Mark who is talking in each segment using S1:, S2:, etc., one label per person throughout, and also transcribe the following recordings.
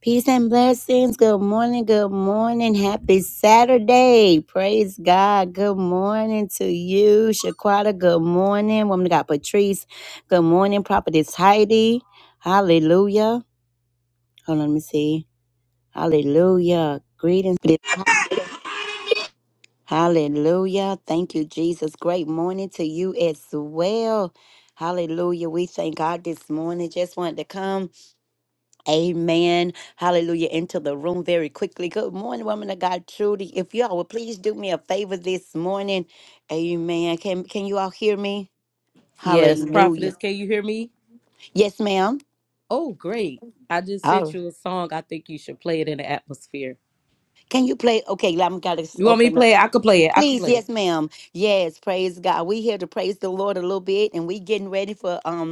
S1: Peace and blessings. Good morning. Good morning. Happy Saturday. Praise God. Good morning to you, Shaquata. Good morning. Woman of God, Patrice. Good morning, Prophetess Heidi. Hallelujah. Hold on, let me see. Hallelujah. Greetings. Hallelujah. Thank you, Jesus. Great morning to you as well. Hallelujah. We thank God this morning. Just wanted to come. Amen. Hallelujah. Into the room very quickly. Good morning, woman of God, Trudy. If y'all would please do me a favor this morning. Amen. Can can you all hear me?
S2: Yes,
S1: Hallelujah.
S2: prophetess, can you hear me?
S1: Yes, ma'am.
S2: Oh, great. I just
S1: All
S2: sent
S1: right.
S2: you a song. I think you should play it in the atmosphere.
S1: Can you play? Okay, I'm gotta s-
S2: You want me to
S1: open up.
S2: play it? I could play it. I could
S1: Please,
S2: play
S1: yes,
S2: it.
S1: ma'am. Yes, praise God. We here to praise the Lord a little bit, and we getting ready for um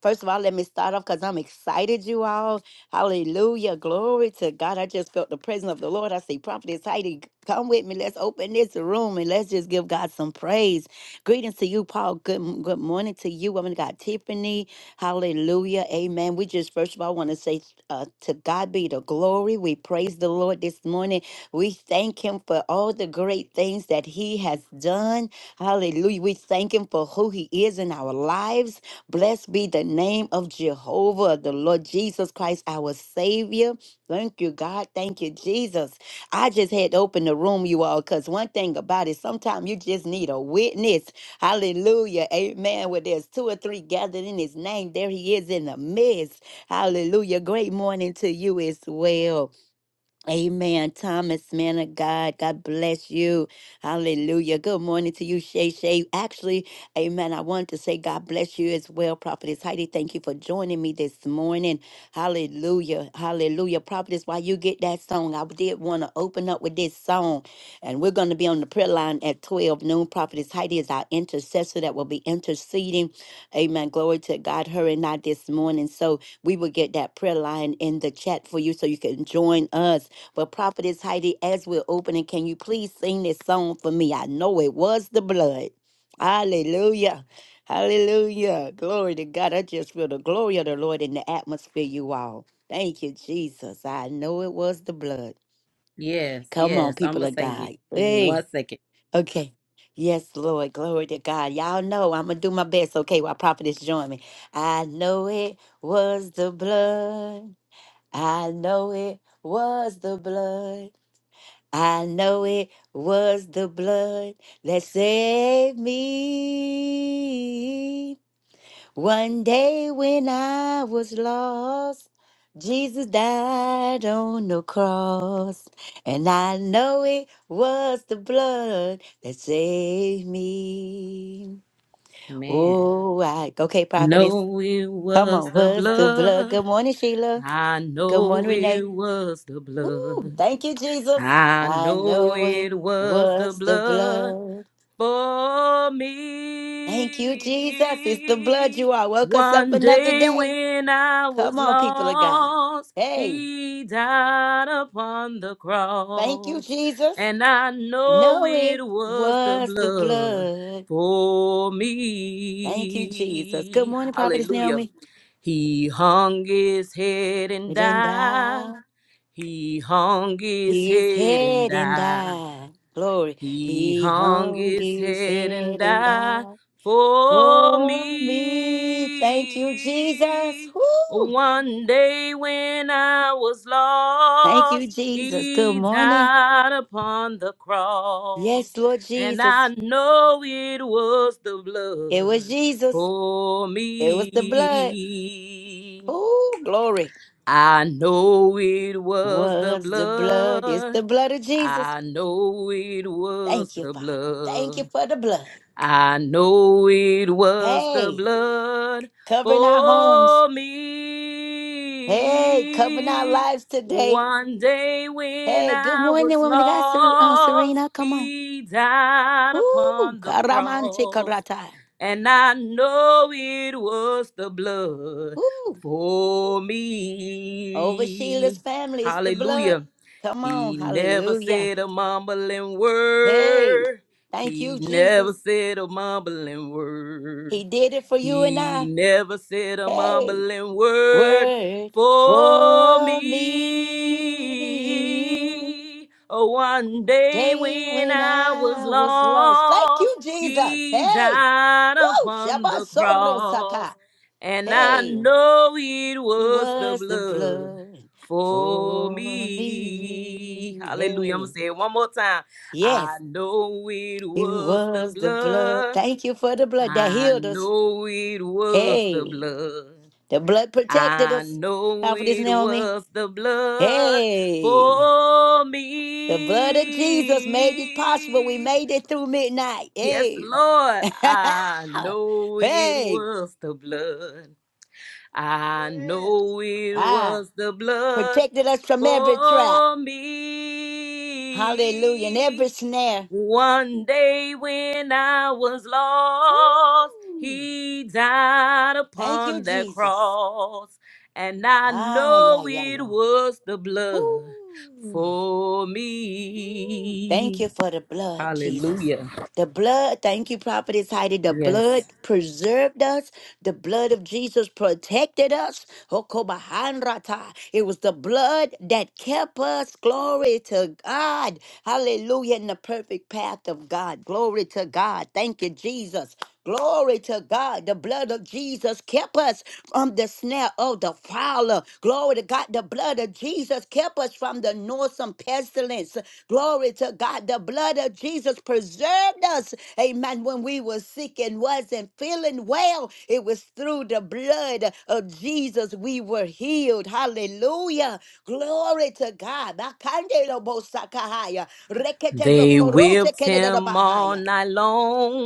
S1: First of all, let me start off because I'm excited, you all. Hallelujah. Glory to God. I just felt the presence of the Lord. I say, Prophetess Heidi, come with me. Let's open this room and let's just give God some praise. Greetings to you, Paul. Good, good morning to you, woman of God, Tiffany. Hallelujah. Amen. We just, first of all, want to say uh, to God be the glory. We praise the Lord this morning. We thank Him for all the great things that He has done. Hallelujah. We thank Him for who He is in our lives. Blessed be the name of Jehovah, the Lord Jesus Christ, our Savior. Thank you, God. Thank you, Jesus. I just had to open the room, you all, because one thing about it, sometimes you just need a witness. Hallelujah. Amen. Where there's two or three gathered in his name, there he is in the midst. Hallelujah. Great morning to you as well. Amen. Thomas, man of God, God bless you. Hallelujah. Good morning to you, Shay Shay. Actually, amen. I wanted to say God bless you as well, Prophetess Heidi. Thank you for joining me this morning. Hallelujah. Hallelujah. Prophetess, while you get that song, I did want to open up with this song. And we're going to be on the prayer line at 12 noon. Prophetess Heidi is our intercessor that will be interceding. Amen. Glory to God. Her and I this morning. So we will get that prayer line in the chat for you so you can join us. But Prophetess Heidi, as we're opening, can you please sing this song for me? I know it was the blood. Hallelujah. Hallelujah. Glory to God. I just feel the glory of the Lord in the atmosphere, you all. Thank you, Jesus. I know it was the blood.
S2: Yes,
S1: Come on,
S2: yes. I'm
S1: people
S2: going to
S1: of
S2: sing it.
S1: God.
S2: Give me
S1: Hey.
S2: one second.
S1: Okay. Yes, Lord. Glory to God. Y'all know I'm going to do my best. Okay, while Prophetess join me. I know it was the blood. I know it was the blood. I know it was the blood that saved me. One day when I was lost, Jesus died on the cross. And I know it was the blood that saved me.
S2: Man.
S1: Oh, I, okay, prophetess.
S2: No, it
S1: Come
S2: was
S1: on,
S2: the
S1: was the blood.
S2: blood.
S1: Good morning, Sheila.
S2: I
S1: Good morning,
S2: know
S1: Renee.
S2: it was the
S1: Ooh,
S2: blood.
S1: thank you, Jesus.
S2: I
S1: I
S2: know
S1: know it
S2: it was the
S1: was the
S2: blood.
S1: blood.
S2: for
S1: Thank you, Jesus. It's the blood
S2: me.
S1: you are. Woke us up
S2: One
S1: another
S2: day
S1: day.
S2: when I
S1: Come
S2: was
S1: on, people of God.
S2: lost,
S1: Hey.
S2: he died upon the
S1: Thank you,
S2: cross.
S1: Jesus.
S2: And I know
S1: No, it
S2: it was the
S1: was the
S2: blood
S1: blood.
S2: for
S1: Thank you, Jesus. Good
S2: me.
S1: morning, Prophetess
S2: Hallelujah.
S1: Naomi.
S2: He hung his head and
S1: Then
S2: died.
S1: thou
S2: He hung his
S1: his
S2: head and
S1: head and
S2: died.
S1: died. Glory.
S2: He
S1: He
S2: hung
S1: hung
S2: his
S1: his
S2: head and
S1: head and
S2: died
S1: died
S2: for
S1: for me. Thank you, Jesus.
S2: me.
S1: Woo!
S2: One day when I was
S1: Thank you,
S2: lost,
S1: Jesus. Good
S2: he
S1: morning.
S2: died upon the
S1: Yes,
S2: cross.
S1: Lord
S2: And I
S1: Jesus.
S2: know it was the
S1: It was
S2: blood
S1: Jesus.
S2: for
S1: It was the blood.
S2: me.
S1: Oh, glory.
S2: I know it was the
S1: Was the blood. It's
S2: blood
S1: the blood of Jesus.
S2: I know it was
S1: Thank you,
S2: the
S1: Father. Thank you
S2: blood.
S1: for the blood.
S2: I know it was the
S1: Hey,
S2: blood
S1: covering our homes.
S2: for
S1: Hey, covering our
S2: me.
S1: lives today.
S2: One day when
S1: Hey, good
S2: I
S1: morning,
S2: was
S1: woman. of God, Ser- um,
S2: lost,
S1: Serena, come on.
S2: he died
S1: Ooh,
S2: upon the
S1: karamante
S2: cross
S1: karata.
S2: and I know it was the blood
S1: Ooh,
S2: for
S1: over Sheila's
S2: me.
S1: family, it's the blood.
S2: Hallelujah.
S1: Come on,
S2: He never
S1: hallelujah.
S2: said a mumbling
S1: Hey,
S2: word.
S1: thank
S2: He
S1: you,
S2: never
S1: Jesus.
S2: said a mumbling word.
S1: He did it for you and
S2: He
S1: I.
S2: never said a
S1: Hey,
S2: mumbling word
S1: word
S2: for
S1: for me.
S2: me. Oh, one day
S1: day
S2: when
S1: when
S2: I was
S1: I was lost. Thank you,
S2: lost,
S1: Jesus.
S2: he
S1: Hey,
S2: died
S1: woo,
S2: upon
S1: Shabbat
S2: the
S1: Soro Saka.
S2: cross. And I
S1: Hey,
S2: know it
S1: who
S2: was the
S1: was the
S2: blood
S1: blood
S2: for
S1: for me?
S2: me. Hallelujah. I'm
S1: Hey,
S2: going to say it one more time. I
S1: yes,
S2: know it
S1: it
S2: was the
S1: was the blood.
S2: blood
S1: Thank you for the blood that
S2: I
S1: healed us.
S2: know it was the
S1: Hey,
S2: blood.
S1: the blood protected
S2: I
S1: us.
S2: know
S1: Now for this,
S2: it
S1: Naomi.
S2: was the blood
S1: Hey,
S2: for
S1: the blood of Jesus made it possible. We
S2: me.
S1: made it through midnight.
S2: Yes,
S1: Hey.
S2: Lord, I know it
S1: Hey,
S2: was the blood. I
S3: Yes.
S2: know it
S1: Ah,
S2: was the blood
S1: protected us from every trap.
S2: for
S1: Hallelujah. And
S2: me.
S1: every snare.
S2: One day when I was lost,
S1: Ooh,
S2: he died
S1: thank you,
S2: upon that
S1: Jesus.
S2: cross, and I
S1: Ah, yeah,
S2: know
S1: yeah,
S2: it
S1: yeah.
S2: was the blood
S1: Ooh.
S2: for
S1: Thank
S2: me.
S1: you for the blood, Jesus.
S2: Hallelujah.
S1: The blood, thank you, Prophetess Heidi. The
S2: Yes.
S1: blood preserved us. The blood of Jesus protected us. Hokobahanrata. It was the blood that kept us. Glory to God. Hallelujah. In the perfect path of God. Glory to God. Thank you, Jesus. Glory to God. The blood of Jesus kept us from the snare of the fowler. Glory to God. The blood of Jesus kept us from the noisome pestilence. Glory to God. The blood of Jesus preserved us. Amen. When we were sick and wasn't feeling well, it was through the blood of Jesus we were healed. Hallelujah. Glory to God. Bakande lo bo sakahaya. Rekete bo
S2: They
S1: korose
S2: whipped
S1: kele de lo
S2: him all
S1: bahaya.
S2: night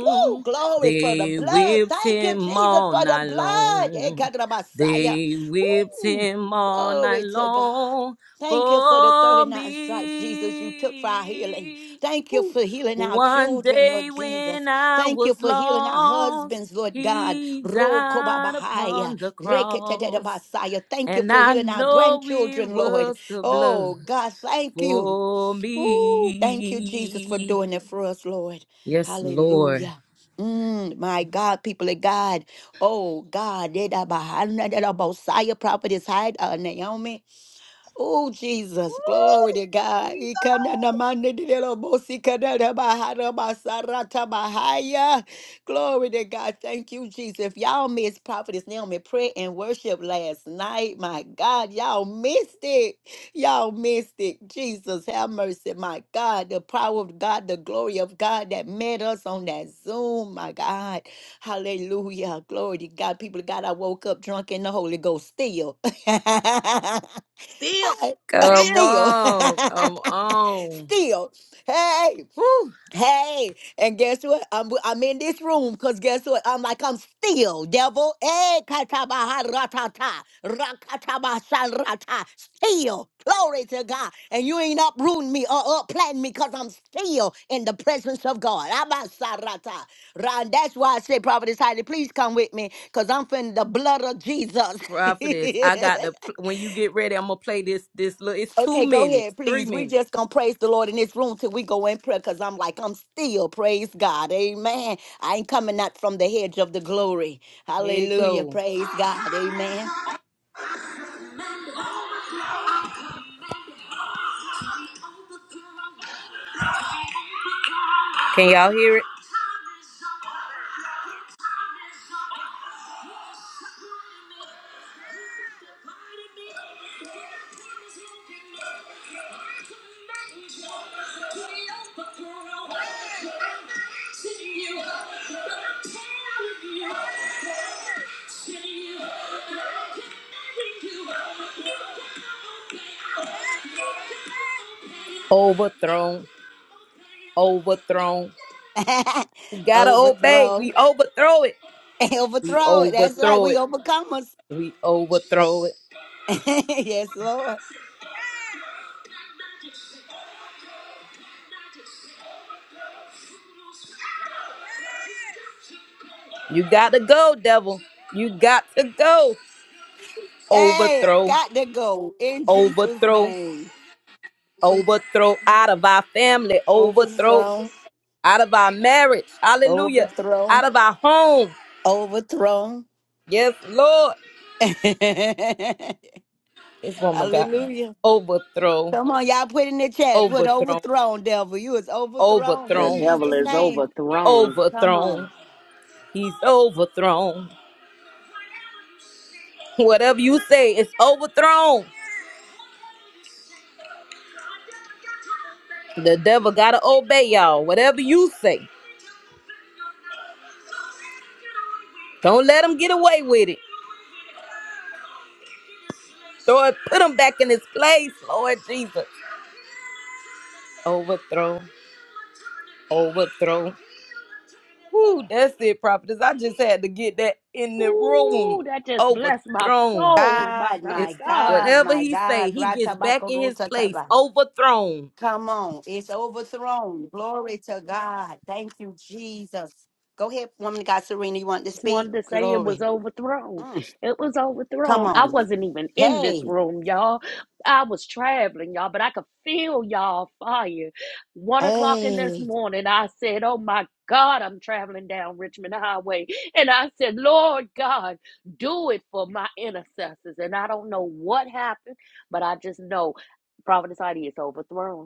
S1: Woo! Glory for the
S2: They
S1: blood.
S2: whipped
S1: Thank you,
S2: him
S1: Jesus,
S2: all
S1: for the
S2: night
S1: blood. Eh,
S2: long.
S1: Kadra Messiah.
S2: They whipped
S1: Woo!
S2: him all night
S1: Glory to God.
S2: long
S1: Thank you for the
S2: for
S1: 39 stripes, Jesus, you took for our healing.
S2: me.
S1: Thank you
S2: Whew.
S1: for healing our
S2: One
S1: children, Lord
S2: day when
S1: Jesus.
S2: I
S1: Thank you
S2: was
S1: for healing our
S2: lost,
S1: husbands, Lord God.
S2: he died
S1: Rokobabahaya,
S2: upon the cross.
S1: reketetebasaya. Thank you
S2: And
S1: for
S2: I
S1: healing our
S2: know it
S1: grandchildren, Lord.
S2: was the blood
S1: Oh, God, thank you.
S2: for
S1: Woo, thank you, Jesus, for
S2: me.
S1: doing it for us, Lord.
S2: Yes, Lord.
S1: Hallelujah. Mm, my God, people of God. Oh, God. Messiah prophet is hide, uh, Naomi. Oh, Jesus, glory
S3: Woo!
S1: to God.
S3: Jesus.
S1: Ikana na mande de lo bosi kana na bahara basarata Ikananamandididelobosikanadabahadabasaratabahaya. Glory to God. Thank you, Jesus. If y'all missed Prophetess Naomi prayer and worship last night, my God, y'all missed it. Y'all missed it. Jesus, have mercy, my God. The power of God, the glory of God that met us on that Zoom, my God. Hallelujah. Glory to God. People of God, I woke up drunk in the Holy Ghost still.
S3: Still,
S1: I-
S2: Come
S3: still.
S1: still,
S2: on. Come on.
S1: still, hey,
S2: Whew.
S1: hey, and guess what? I'm I'm in this room because guess what? I'm like I'm still devil. Hey, katabaharatata, rakatabashanrata, still. Glory to God. And you ain't uprooting me or upplanting me because I'm still in the presence of God. Abasarata. Ron, that's why I say, Prophet Heidi, please come with me because I'm finna the blood of Jesus.
S2: Prophetess, I got to, pl- when you get ready, I'm going to play this, this little, it's two
S1: Okay, go
S2: minutes,
S1: ahead,
S2: three
S1: please. We
S2: minutes.
S1: just gonna praise the Lord in this room till we go in prayer, cause I'm like I'm still praise God, Amen. I ain't coming out from the hedge of the glory.
S2: Here it
S1: Hallelujah,
S2: go.
S1: praise God, Amen.
S2: Can y'all hear it? Overthrown, overthrown. We gotta obey.
S1: overthrow,
S2: We overthrow it. We
S1: overthrow it. That's right,
S2: overthrow
S1: we
S2: it.
S1: overcomers.
S2: We overthrow it.
S1: yes, Lord.
S2: You got to go, devil. You got to go.
S1: Hey,
S2: Overthrow,
S1: got to go in Jesus'
S2: overthrow,
S1: name.
S2: overthrow out of our family, overthrow
S1: Overthrown,
S2: out of our marriage. Hallelujah. Out
S1: overthrown,
S2: of our home.
S1: overthrown.
S2: Yes, Lord. This woman got
S1: Hallelujah.
S2: overthrow,
S1: Come on, y'all put in the chat. Put
S2: overthrown,
S1: overthrown, devil. You is overthrown in
S4: The
S2: overthrown,
S4: devil
S1: Jesus'
S4: is
S1: name.
S4: overthrown.
S1: Come on.
S2: overthrown. He's overthrown. Whatever you say, it's overthrown. The devil got to obey y'all. Whatever you say, don't let him get away with it. Lord, put him back in his place, Lord Jesus. Overthrow, overthrow. Whew, that's it, prophetess. I just had to get that in the
S4: Ooh,
S2: room.
S4: that just blessed my
S2: Overthrown.
S4: soul, my
S1: God,
S4: God.
S2: It's
S1: my
S4: God.
S1: God,
S2: whatever
S1: my
S2: he say,
S1: God.
S2: he gets back in his place.
S1: Ratabakarotaba.
S2: Overthrown.
S1: Come on. It's overthrown. Glory to God. Thank you, Jesus. Go ahead, woman of God, Serena. You want to
S4: Just
S1: speak?
S4: wanted to say it was
S1: Glory.
S4: overthrown.
S1: Mm,
S4: It was
S1: come
S4: overthrown. I
S1: on.
S4: wasn't even in this
S1: Hey.
S4: room, y'all. I was traveling, y'all, but I could feel y'all fire. One o'clock in this
S1: Hey.
S4: morning, I said, Oh my God, I'm traveling down Richmond Highway. And I said, Lord God, do it for my intercessors. And I don't know what happened, but I just know Providence Heidi is overthrown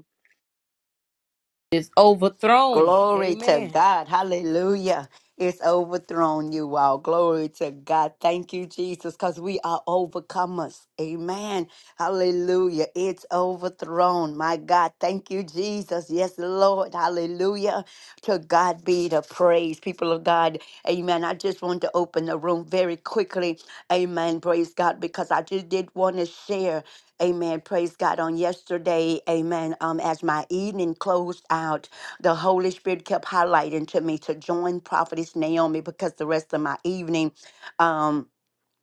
S2: It's overthrown.
S1: Glory to
S2: Amen.
S1: God. Hallelujah. It's overthrown you all. Glory to God. Thank you, Jesus, because we are overcomers. Amen. Hallelujah. It's overthrown. My God. Thank you, Jesus. Yes, Lord. Hallelujah. To God be the praise, people of God. Amen. I just want to open the room very quickly. Amen. Praise God, because I just did want to share. Amen. Praise God on yesterday. Amen. Um, as my evening closed out the Holy Spirit kept highlighting to me to join Prophetess Naomi because the rest of my evening um,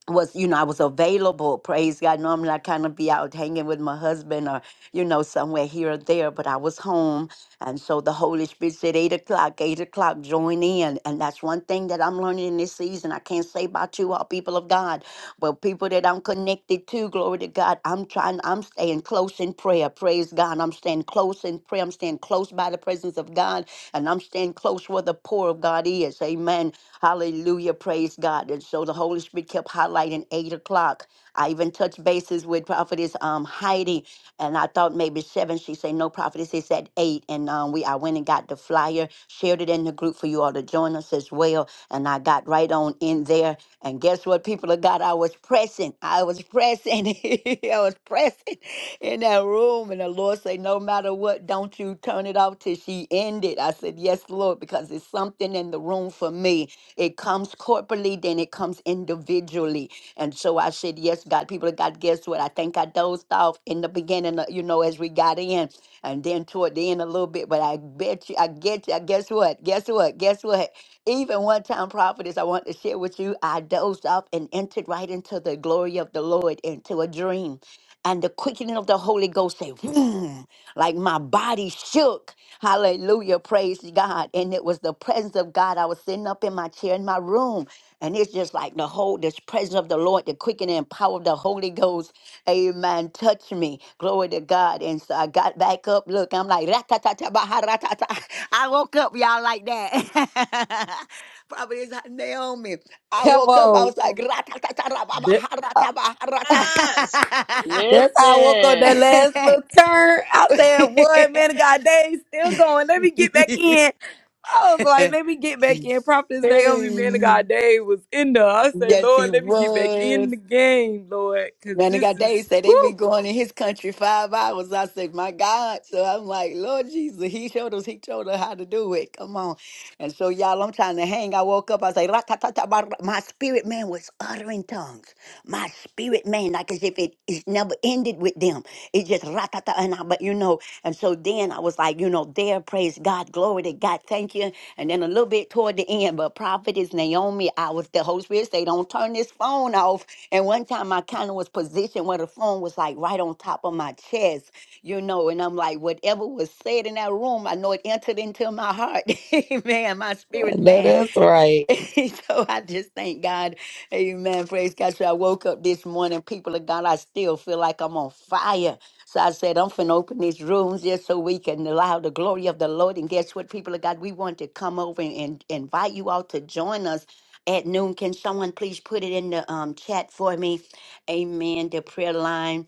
S1: was, you know, I was available. Praise God. Normally I kind of be out hanging with my husband or you know, somewhere here or there, but I was home. And so the Holy Spirit said, eight o'clock, eight o'clock, join in. And that's one thing that I'm learning in this season. I can't say about you all people of God, but people that I'm connected to, glory to God, I'm trying, I'm staying close in prayer. Praise God. I'm staying close in prayer. I'm staying close by the presence of God. And I'm staying close where the poor of God is. Amen. Hallelujah. Praise God. And so the Holy Spirit kept highlighting eight o'clock. I even touched bases with Prophetess um, Heidi, and I thought maybe seven. She said, No, Prophetess, it's at eight. And um, we I went and got the flyer, shared it in the group for you all to join us as well. And I got right on in there. And guess what, people of God? I was pressing. I was pressing. I was pressing in that room. And the Lord said, No matter what, don't you turn it off till she ended. I said, Yes, Lord, because it's something in the room for me. It comes corporately, then it comes individually individually. And so I said, Yes, God, people of God, guess what? I think I dozed off in the beginning, uh, you know, as we got in, and then toward the end a little bit. But I bet you, I get you, guess what? Guess what? Guess what? Even one time, prophetess, I want to share with you, I dozed off and entered right into the glory of the Lord, into a dream. And the quickening of the Holy Ghost said, "Vroom," like my body shook. Hallelujah. Praise God. And it was the presence of God. I was sitting up in my chair in my room. And it's just like the whole this presence of the Lord, the quickening and power of the Holy Ghost. Amen. Touch me. Glory to God. And so I got back up. Look, I'm like, "Ratatata, baharatata." I woke up, y'all, like that. Probably is like, Naomi. I
S2: Come
S1: woke up, I
S2: on.
S1: was like, "Ratatata,
S2: Th- uh,
S1: rababaharata,
S3: Yes.
S2: That's how I woke up that
S4: Listen,
S2: last
S1: baharata."
S2: little turn. I said, boy, man, God, they still going. Let me get back in. I was like, let me get back in. Prophetess Naomi, man of God, Dave was in there. I say,
S1: yes, he
S2: Lord, let me get back in
S1: was.
S2: the game, Lord, because
S1: Man, I
S2: this
S1: got Dave
S2: is,
S1: said they be
S2: woo.
S1: going in his country five hours. I said, my God. So I'm like, Lord Jesus, he showed us, he told us how to do it. Come on. And so, y'all, I'm trying to hang. I woke up, I say, "Ra-ta-ta-ta," bar-" my spirit man was uttering tongues. My spirit man, like as if it, it never ended with them. It just, ra-ta-ta, and I, but you know, and so then I was like, you know, there, praise God, glory to God, thank you. And then a little bit toward the end, but prophet is Naomi, I was, the Holy Spirit say, don't turn this phone off. And one time I kind of was positioned where the phone was like right on top of my chest, you know, and I'm like, whatever was said in that room, I know it entered into my heart. Amen. My
S2: I
S1: spirit,
S2: know
S1: man.
S2: that's right.
S1: so I just thank God. Amen. Praise God. So I woke up this morning, people of God, I still feel like I'm on fire. So I said, I'm finna open these rooms just so we can allow the glory of the Lord. And guess what, people of God, we want to come over and, and invite you all to join us at noon. Can someone please put it in the um, chat for me? Amen. The prayer line.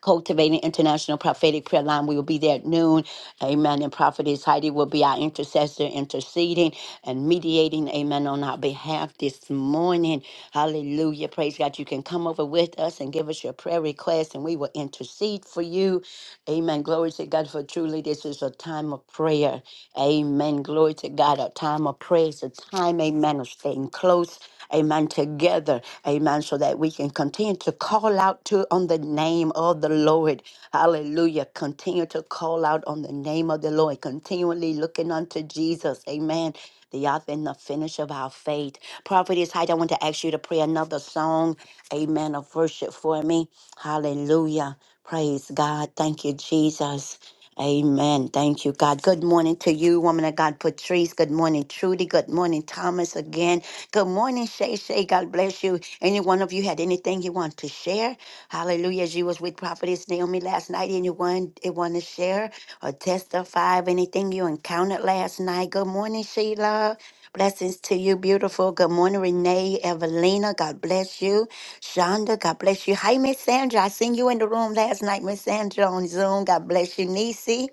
S1: Cultivating International Prophetic Prayer Line. We will be there at noon. Amen. And Prophetess Heidi will be our intercessor, interceding and mediating. Amen. On our behalf this morning. Hallelujah. Praise God. You can come over with us and give us your prayer request, and we will intercede for you. Amen. Glory to God. For truly, this is a time of prayer. Amen. Glory to God. A time of prayer. It's a time, amen, of staying close amen, together, amen, so that we can continue to call out to on the name of the Lord. Hallelujah. Continue to call out on the name of the Lord, continually looking unto Jesus, amen. The author and the finish of our faith. Prophetess Height, I want to ask you to pray another song, amen, of worship for me. Hallelujah. Praise God. Thank you, Jesus. Amen. Thank you, God. Good morning to you, woman of God, Patrice. Good morning, Trudy. Good morning, Thomas, again. Good morning, Shay Shay. God bless you. Any one of you had anything you want to share? Hallelujah. As you was with Prophetess Naomi last night, anyone that want to share or testify of anything you encountered last night? Good morning, Sheila. Blessings to you, beautiful. Good morning, Renee, Evelina. God bless you. Shonda, God bless you. Hi, Miss Sandra. I seen you in the room last night, Miss Sandra, on Zoom. God bless you, Nisi.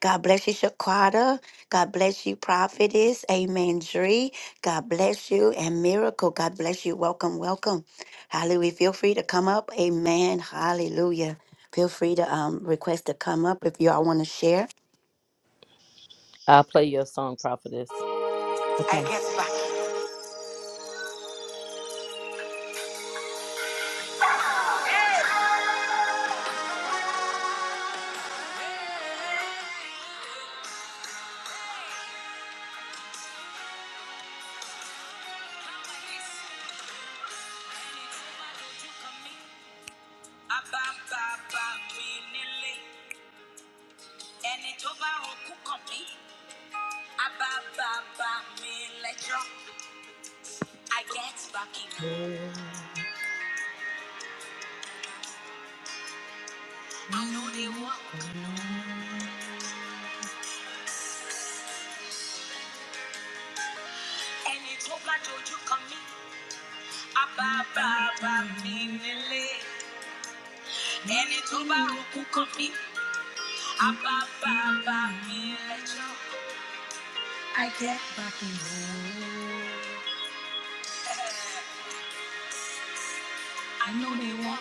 S1: God bless you, Shaquata. God bless you, Prophetess. Amen, Dree. God bless you, and Miracle. God bless you. Welcome, welcome. Hallelujah. Feel free to come up. Amen. Hallelujah. Feel free to um request to come up if you all want to share.
S2: I'll play your song, Prophetess. I
S1: Okay.
S2: get back. Ẹni tó bá rokú kàn mí, á bá mi lẹ́jọ́. I get back in. I know they want. Ẹni tó bá dojú kàn mí, á bá bá bá mi nílé. Ẹni tó bá rokú kan mi, á bá bá bá mi lẹ́jọ́. I get back in there. I know they want.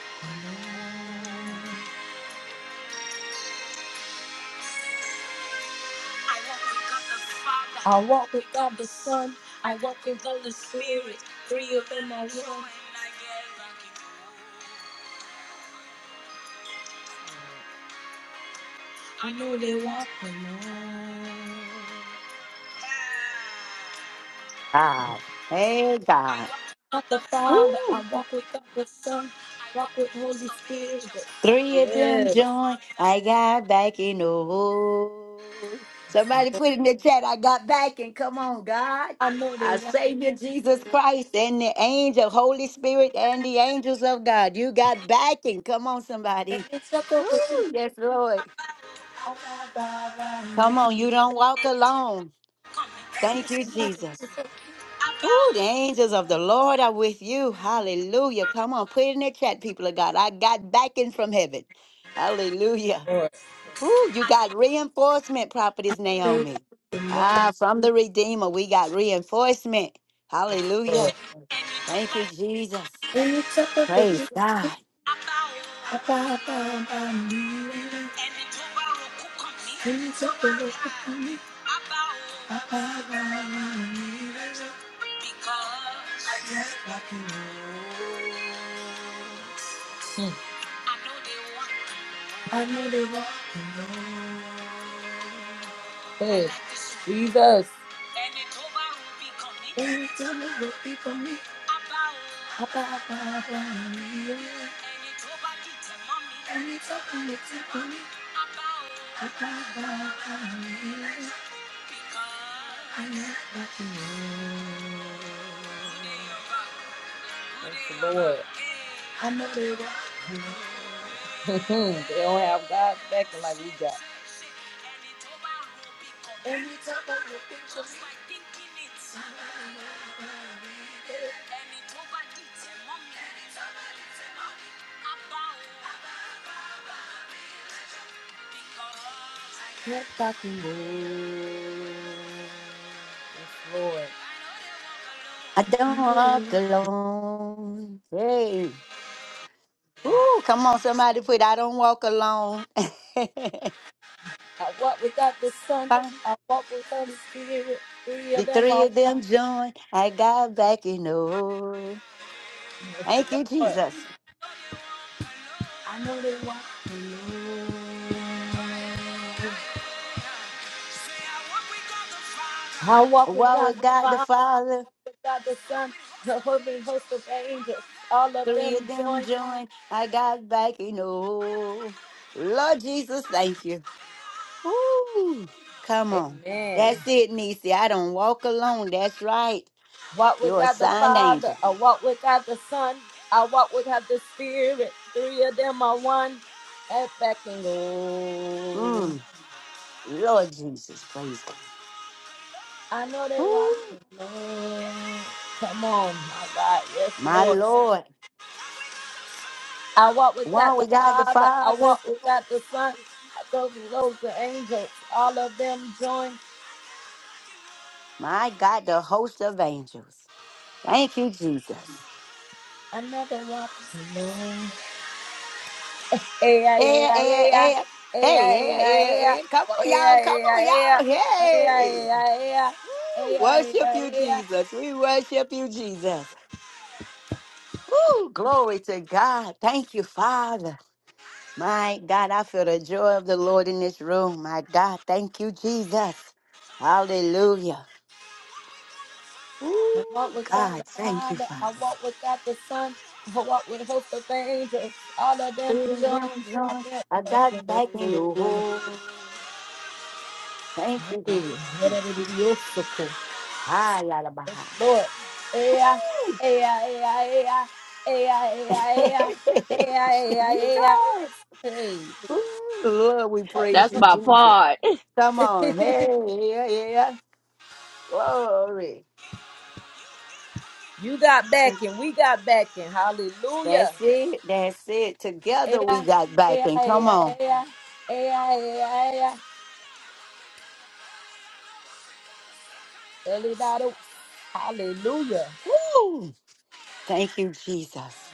S2: I walk with God the Father. I walk with God the Son. I walk with God the Spirit. Three of them are one. When I get back in there, I know they want me more.
S1: God. Hey,
S2: I
S1: God.
S2: walk with God the Father. I
S1: Woo.
S2: walk with God the Son. I walk with Holy Spirit.
S1: Three of them
S2: Yes.
S1: joined. I got back in the hole. Somebody put in the chat, I got back and come on, God.
S2: I know they
S1: Our
S2: want.
S1: Savior Jesus Christ and the angel, Holy Spirit, and the angels of God. You got backing. Come on, somebody.
S2: me.
S1: Ooh, yes, Lord. Come on, you don't walk alone. Thank you, Jesus. Ooh, the angels of the Lord are with you. Hallelujah. Come on, put it in the chat, people of God. I got backing from heaven. Hallelujah.
S2: Lord,
S1: Ooh, you got reinforcement, Prophetess
S2: Lord.
S1: Naomi. Ah, from the Redeemer, we got reinforcement. Hallelujah. Thank you, Jesus.
S2: When you talk of the
S1: Praise
S2: people,
S1: God.
S2: about, it, about, about me. When you talk of the people, about, it, about, about me. Hmm. I know they want to know. Hey, Jesus. When you when you talk of the people, about, it, about, about me. I know nothing wrong. That's the Lord. I know they were. they don't have God backing like we got. Every time I look at you, know they were. Yes, Lord.
S1: I
S2: I
S1: don't
S2: know they
S1: walk
S2: were.
S1: alone. Hey. Ooh, come on, somebody put I don't walk alone.
S2: I walk without the Son.
S1: Huh?
S2: I walk without the spirit. Three
S1: the
S2: of them
S1: three
S2: are
S1: of
S2: one.
S1: them joined. I got back in the Lord. Thank you, Jesus.
S2: I know they walk were. I walk with
S1: Walk
S2: God
S1: with
S2: the
S1: God the
S2: Father,
S1: Father.
S2: with God the Son, the holy host of angels. All of
S1: Three of
S2: them
S1: them
S2: join.
S1: joined. I got back in. Oh, Lord Jesus, thank you. Ooh, come on.
S2: Amen.
S1: That's it, Nisi. I don't walk alone. That's right.
S2: I walk
S1: You're a
S2: without the
S1: signed
S2: Father.
S1: angel.
S2: I walk without the Son. I walk without the Spirit. Three of them are one. I never walk alone.
S1: Mm, Lord Jesus, praise God.
S2: I know they walk
S1: Ooh,
S2: alone. Come on, my God, yes,
S1: my
S2: Lord.
S1: Lord.
S2: I walk
S1: One
S2: without
S1: we
S2: the
S1: got the
S2: Father. I
S1: Father.
S2: walk without the Son. I go through loads of angels. All of them join.
S1: My God, the host of angels. Thank you, Jesus.
S2: I never walk alone. Aye, aye, aye,
S1: Eh, eh,
S2: aye, aye,
S1: eh.
S2: aye,
S1: Hey, yeah,
S2: aye, aye, aye,
S1: yeah,
S2: aye.
S1: yeah. Come on, y'all. Come on, y'all.
S2: I
S1: Hey. Worship you, Jesus. We worship you, Jesus. Woo, glory to God. Thank you, Father. My God, I feel the joy of the Lord in this room. My God, thank you, Jesus. Hallelujah. Ooh, God, thank you, Father.
S2: walk with angels. All of
S1: Freedom,
S2: them.
S1: joy, I got back in the hole. Thank you,
S2: Hey,
S1: God.
S2: whatever it is, your
S1: Ah, yada baha. Ooh.
S2: Yeah,
S1: yes.
S2: Hey,
S1: Ooh, Lord, we praise
S4: that's
S1: you,
S4: my
S1: Jesus.
S4: part.
S1: Come on. Hey, yeah, yeah. yeah. Glory.
S2: you got back and we got back and hallelujah.
S1: That's it. That's it. Together we
S2: Yeah,
S1: got back.
S2: yeah,
S1: And come
S2: yeah,
S1: on.
S2: yeah, yeah, yeah, yeah. Everybody, hallelujah,
S1: Woo. Thank you, Jesus.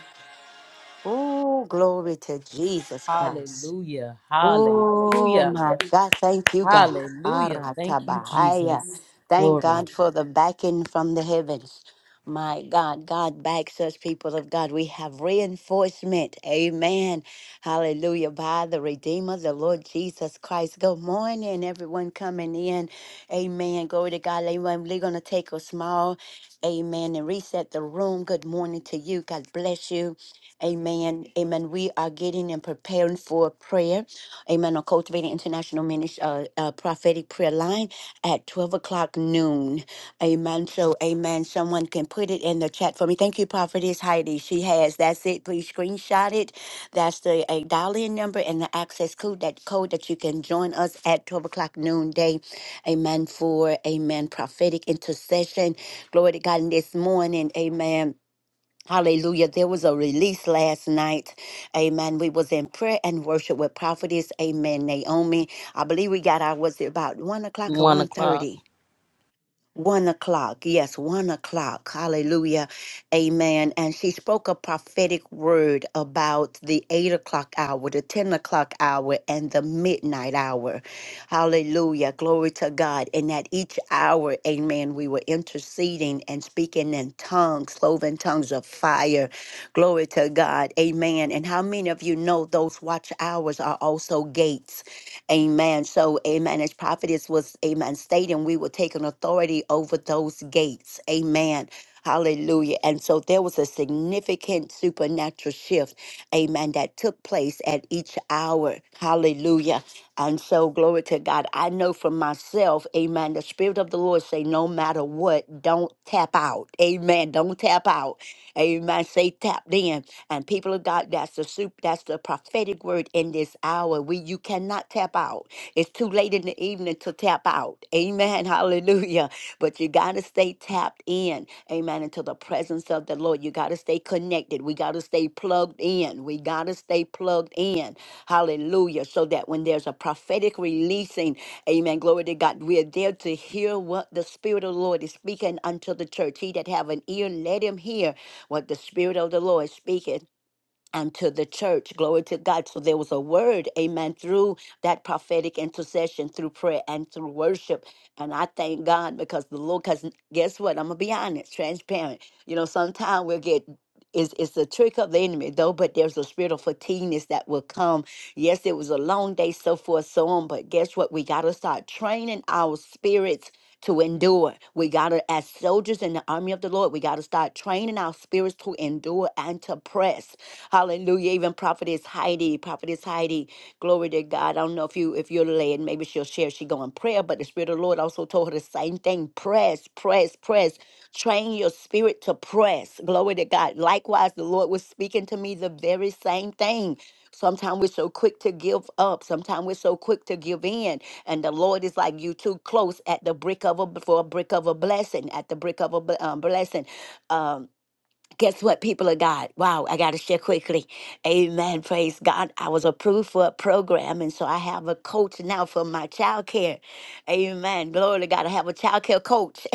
S1: Oh, glory to Jesus Christ.
S2: hallelujah,
S1: Oh
S2: hallelujah,
S1: my God, thank you, God.
S2: hallelujah. Thank you,
S1: Aratabahaya.
S2: Jesus.
S1: Thank
S2: Glory.
S1: God for the backing from the heavens. My God, God backs us, people of God. We have reinforcement. Amen. Hallelujah. By the Redeemer, the Lord Jesus Christ. Good morning, everyone coming in. Amen. Glory to God. Amen. We're going to take a small, amen, and reset the room. Good morning to you. God bless you. Amen. Amen. We are getting and preparing for prayer. Amen. On Cultivating International Ministry, uh, uh, prophetic prayer line at 12 o'clock noon. Amen. So, amen. Someone can put it in the chat for me. Thank you, Prophetess Heidi. She has. That's it. Please screenshot it. That's the a dial-in number and the access code that code that you can join us at 12 o'clock noonday. Amen. For amen. Prophetic intercession. Glory to God. And this morning, amen. Hallelujah. There was a release last night. Amen. We was in prayer and worship with prophetess. Amen. Naomi. I believe we got our was it about one o'clock or
S2: One
S1: one
S2: o'clock.
S1: thirty. One o'clock. Yes, one o'clock. Hallelujah. Amen. And she spoke a prophetic word about the eight o'clock hour, the 10 o'clock hour, and the midnight hour. Hallelujah. Glory to God. And at each hour, amen, we were interceding and speaking in tongues, cloven tongues of fire. Glory to God. Amen. And how many of you know those watch hours are also gates? Amen. So, amen. As prophetess was, amen, stating we will take an authority over those gates. Amen. Hallelujah. And so there was a significant supernatural shift, amen, that took place at each hour. Hallelujah. And so, glory to God. I know for myself, amen, the Spirit of the Lord say, no matter what, don't tap out. Amen. Don't tap out. Amen. Say tapped in. And people of God, that's the soup, that's the prophetic word in this hour. We you cannot tap out. It's too late in the evening to tap out. Amen. Hallelujah. But you gotta stay tapped in. Amen. Into the presence of the Lord. You gotta stay connected. We gotta stay plugged in. We gotta stay plugged in. Hallelujah. So that when there's a prophetic releasing, amen. Glory to God. We are there to hear what the Spirit of the Lord is speaking unto the church. He that have an ear, let him hear what the Spirit of the Lord speaketh unto the church. Glory to God. So there was a word, amen, through that prophetic intercession, through prayer and through worship. And I thank God because the Lord, because guess what? I'm going to be honest, transparent. You know, sometimes we'll get. It's, it's the trick of the enemy, though, but there's a spirit of fatigueness that will come. Yes, it was a long day, so forth, so on, but guess what? We got to start training our spirits to endure. We got to, as soldiers in the army of the Lord, we got to start training our spirits to endure and to press. Hallelujah. Even Prophetess Heidi, Prophetess Heidi, glory to God. I don't know if you, if you're led, maybe she'll share, she go in prayer, but the Spirit of the Lord also told her the same thing. Press, press, press. Train your spirit to press. Glory to God. Likewise, the Lord was speaking to me the very same thing. Sometimes we're so quick to give up. Sometimes we're so quick to give in. And the Lord is like you too close at the brick of a for a brick of a blessing. At the brick of a bl- um, blessing. Um, guess what, people of God? Wow, I got to share quickly. Amen. Praise God. I was approved for a program, and so I have a coach now for my child care. Amen. Glory to God. I have a child care coach.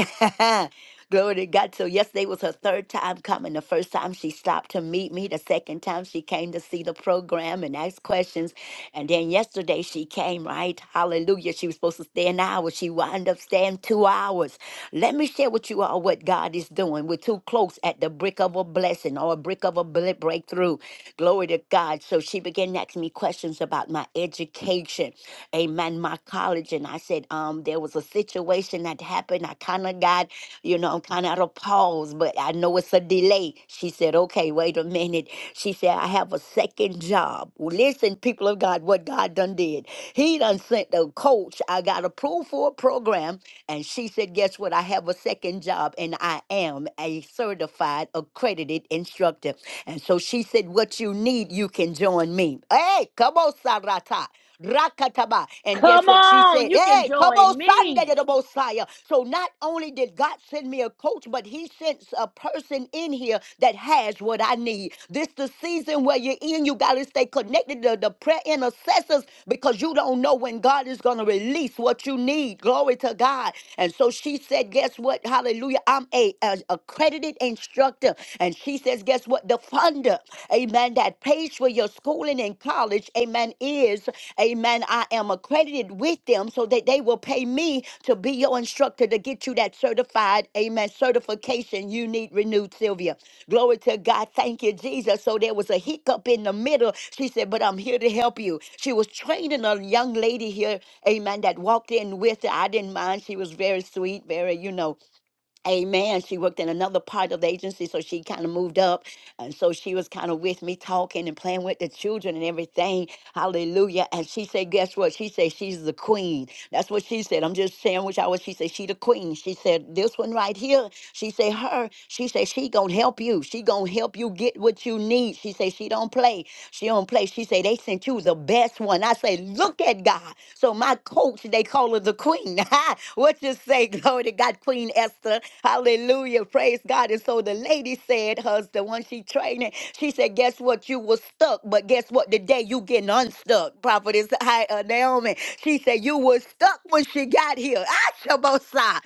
S1: Glory to God. So yesterday was her third time coming. The first time she stopped to meet me. The second time she came to see the program and ask questions. And then yesterday she came, right? Hallelujah. She was supposed to stay an hour. She wound up staying two hours. Let me share with you all what God is doing. We're too close at the brick of a blessing or a brick of a ble- breakthrough. Glory to God. So she began asking me questions about my education. Amen. My college. And I I said, um, there was a situation that happened. I kind of got, you know, I'm kind of at a pause, but I know it's a delay. She said, okay, wait a minute. She said, I have a second job. Well, listen, people of God, what God done did. He done sent the coach. I got approved for a program. And she said, guess what? I have a second job and I am a certified accredited instructor. And so she said, what you need, you can join me. Hey, come on, Sarata. Rakataba. And guess
S4: Come
S1: what she
S4: on,
S1: said?
S4: you can
S1: Hey, Tobo
S4: join
S1: Sunday to
S4: me.
S1: the Messiah. So not only did God send me a coach, but he sent a person in here that has what I need. This the season where you're in, you gotta stay connected to the prayer intercessors because you don't know when God is gonna release what you need. Glory to God. And so she said, Guess what? Hallelujah. I'm a, a accredited instructor. And she says, Guess what? The funder, amen, that pays for your schooling and college, amen, is, amen, I am accredited with them so that they will pay me to be your instructor to get you that certified, amen, certification you need renewed, Sylvia. Glory to God. Thank you, Jesus. So there was a hiccup in the middle. She said, But I'm here to help you. She was training a young lady here, amen, that walked in with her. I didn't mind. She was very sweet, very, you know. Amen. She worked in another part of the agency, so she kind of moved up. And so she was kind of with me talking and playing with the children and everything. Hallelujah. And she said, Guess what? She said, She's the queen. That's what she said. I'm just saying which I was. She said, She the queen. She said, This one right here. She said, Her. She said, She gonna help you. She gonna help you get what you need. She said, She don't play. She don't play. She said, They sent you the best one. I say, Look at God. So my coach, they call her the queen. What you say, glory to God, Queen Esther? Hallelujah. Praise God. And so the lady said, hers, the one she training, she said, Guess what? You were stuck, but guess what? The day you getting unstuck. Prophetess Hi- uh, Naomi. She said, You were stuck when she got here. Ashabosai.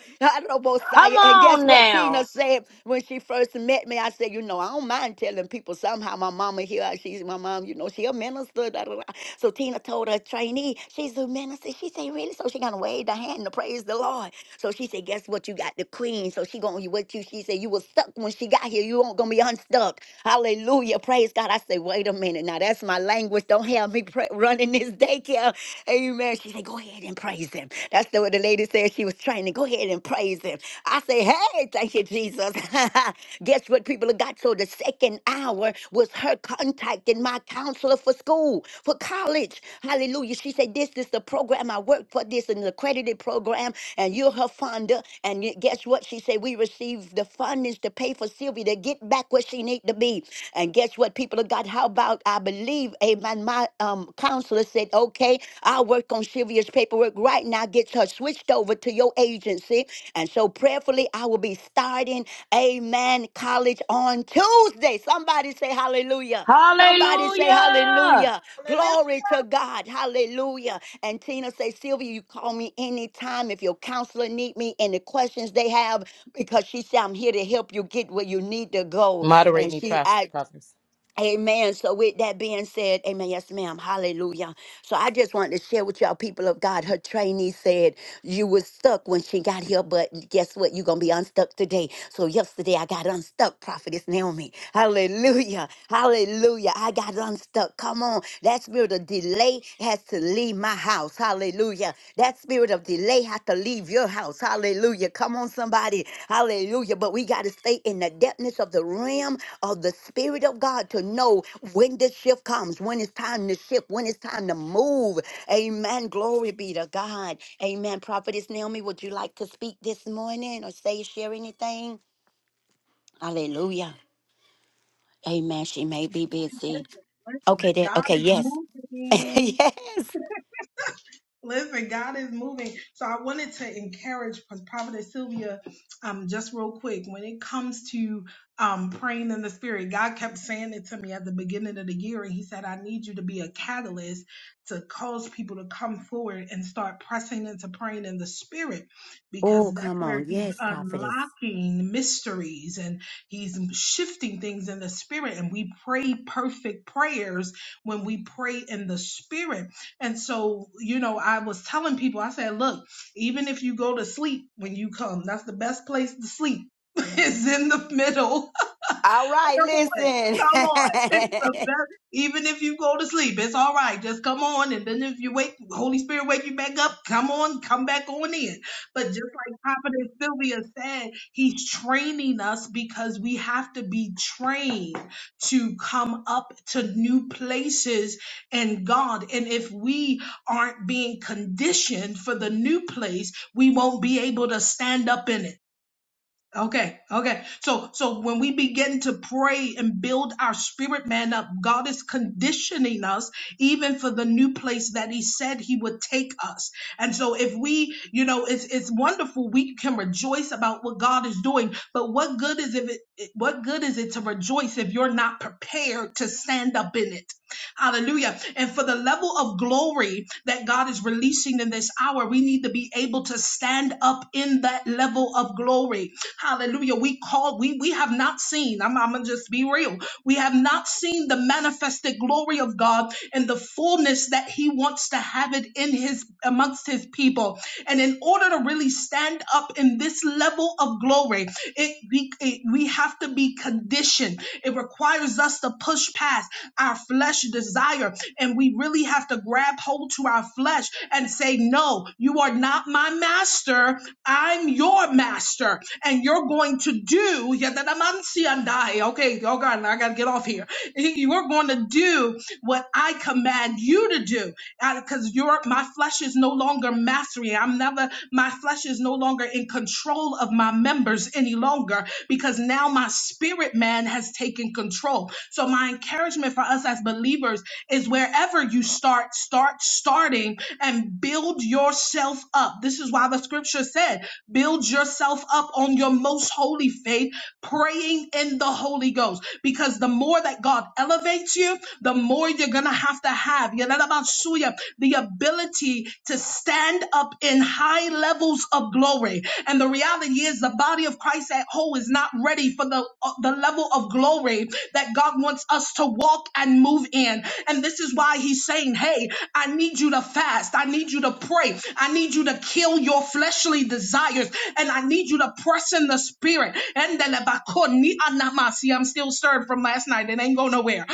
S4: Come
S1: Adonobosai. And guess
S4: on
S1: what Tina
S4: now.
S1: said when she first met me? I said, You know, I don't mind telling people somehow my mama here, she's my mom, you know know, she a minister. Da, da, da. So Tina told her trainee, she's a minister. She said, really? So she gonna wave the hand to praise the Lord. So she said, guess what? You got the queen. So she gonna what you? She said, you was stuck when she got here. You won't gonna be unstuck. Hallelujah. Praise God. I said, wait a minute. Now that's my language. Don't have me pray, running this daycare. Amen. She said, go ahead and praise him. That's the, what the lady said. She was training. Go ahead and praise him. I said, hey, Hey, thank you, Jesus. Guess what, people of God? So the second hour was her contacting my counselor for school, for college. Hallelujah. She said, This is the program I work for, this is an accredited program, and you're her funder. And you- guess what? She said, We received the fundings to pay for Sylvia to get back where she need to be. And guess what, people of God? How about I believe, amen, my um, counselor said, Okay, I'll work on Sylvia's paperwork right now, gets her switched over to your agency. And so prayerfully, I will be starting Amen College on Tuesday. Somebody say hallelujah. Somebody say
S4: Hallelujah.
S1: hallelujah.
S3: Hallelujah.
S1: Glory to God. Hallelujah. And Tina say, Sylvia, you call me anytime if your counselor need me, any questions they have, because she said, I'm here to help you get where you need to go.
S2: Moderate
S1: And
S2: me,
S1: she, I,
S2: Prophet.
S1: Amen. So with that being said, amen. Yes, ma'am. Hallelujah. So I just wanted to share with y'all, people of God. Her trainee said you was stuck when she got here, but guess what? You're gonna be unstuck today. So yesterday I got unstuck, prophetess Naomi. Hallelujah. Hallelujah. I got unstuck. Come on. That spirit of delay has to leave my house. Hallelujah. That spirit of delay to leave your house. Hallelujah. Come on, somebody. Hallelujah. But we got to stay in the depthness of the realm of the Spirit of God to know when the shift comes, when it's time to shift, when it's time to move. Amen. Glory be to God. Amen. Prophetess Naomi, would you like to speak this morning or say, share anything? Hallelujah. Amen. She may be busy.
S3: Listen,
S1: Okay, there.
S3: God
S1: Okay,
S3: is
S1: yes.
S3: moving.
S1: yes.
S3: Listen, God is moving. So I wanted to encourage Prophetess Sylvia, um, just real quick, when it comes to um, praying in the spirit, God kept saying it to me at the beginning of the year. And he said, I need you to be a catalyst to cause people to come forward and start pressing into praying in the spirit,
S1: Oh,
S3: because that's
S1: come
S3: where
S1: on.
S3: he's
S1: Yes, prophetess.
S3: unlocking mysteries and he's shifting things in the spirit. And we pray perfect prayers when we pray in the spirit and so, you know, I was telling people, I said, look, even if you go to sleep when you come, that's the best place to sleep. is in the middle
S1: All right,
S3: Come on. Come on. It's
S1: listen.
S3: the best. Even if you go to sleep, it's all right. Just come on. And then if you wake, Holy Spirit wake you back up, come on, come back on in. But just like Prophet Sylvia said, he's training us because we have to be trained to come up to new places in God. And if we aren't being conditioned for the new place, we won't be able to stand up in it. Okay, okay. So so when we begin to pray and build our spirit man up, God is conditioning us even for the new place that he said he would take us. And so if we, you know, it's it's wonderful we can rejoice about what God is doing, but what good is if it what good is it to rejoice if you're not prepared to stand up in it? Hallelujah. And for the level of glory that God is releasing in this hour, we need to be able to stand up in that level of glory. Hallelujah. We call, we, we have not seen, I'm, I'm going to just be real. We have not seen the manifested glory of God and the fullness that he wants to have it in his, amongst his people. And in order to really stand up in this level of glory, it, be, it we have to be conditioned. It requires requires us to push past our flesh desire. And we really have to grab hold to our flesh and say, No, you are not my master. I'm your master. And you're going to do, okay, oh God, I got to get off here. Hey, You're going to do what I command you to do because you're my flesh is no longer mastering. I'm never, my flesh is no longer in control of my members any longer because now now my spirit man has taken control. So my encouragement for us as believers is wherever you start, start starting and build yourself up. This is why the scripture said, build yourself up on your most holy faith, praying in the Holy Ghost. Because the more that God elevates you, the more you're going to have to have Yadabasuya, the ability to stand up in high levels of glory. And the reality seven years, the body of Christ at whole is not ready for the, uh, the level of glory that God wants us to walk and move in. And this is why He's saying, Hey, I need you to fast. I need you to pray. I need you to kill your fleshly desires. And I need you to press in the spirit. And I'm still stirred from last night. It ain't go nowhere.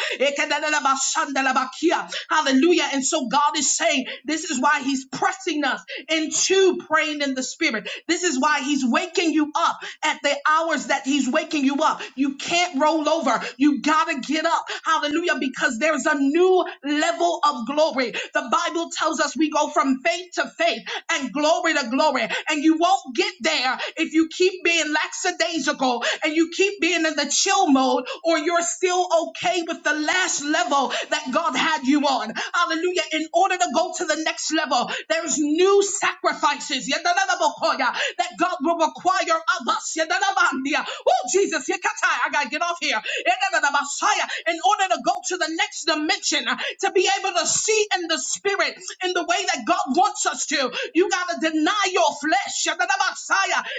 S3: Hallelujah. And so God is saying, This is why He's pressing us into you praying in the spirit. This is why he's waking you up at the hours that he's waking you up. You can't roll over. You got to get up. Hallelujah. Because there's a new level of glory. The Bible tells us we go from faith to faith and glory to glory. And you won't get there if you keep being lackadaisical and you keep being in the chill mode or you're still okay with the last level that God had you on. Hallelujah. In order to go to the the next level. There's new sacrifices that God will require of us. Oh, Jesus, yakatai, I gotta get off here. In order to go to the next dimension, to be able to see in the spirit in the way that God wants us to, you gotta deny your flesh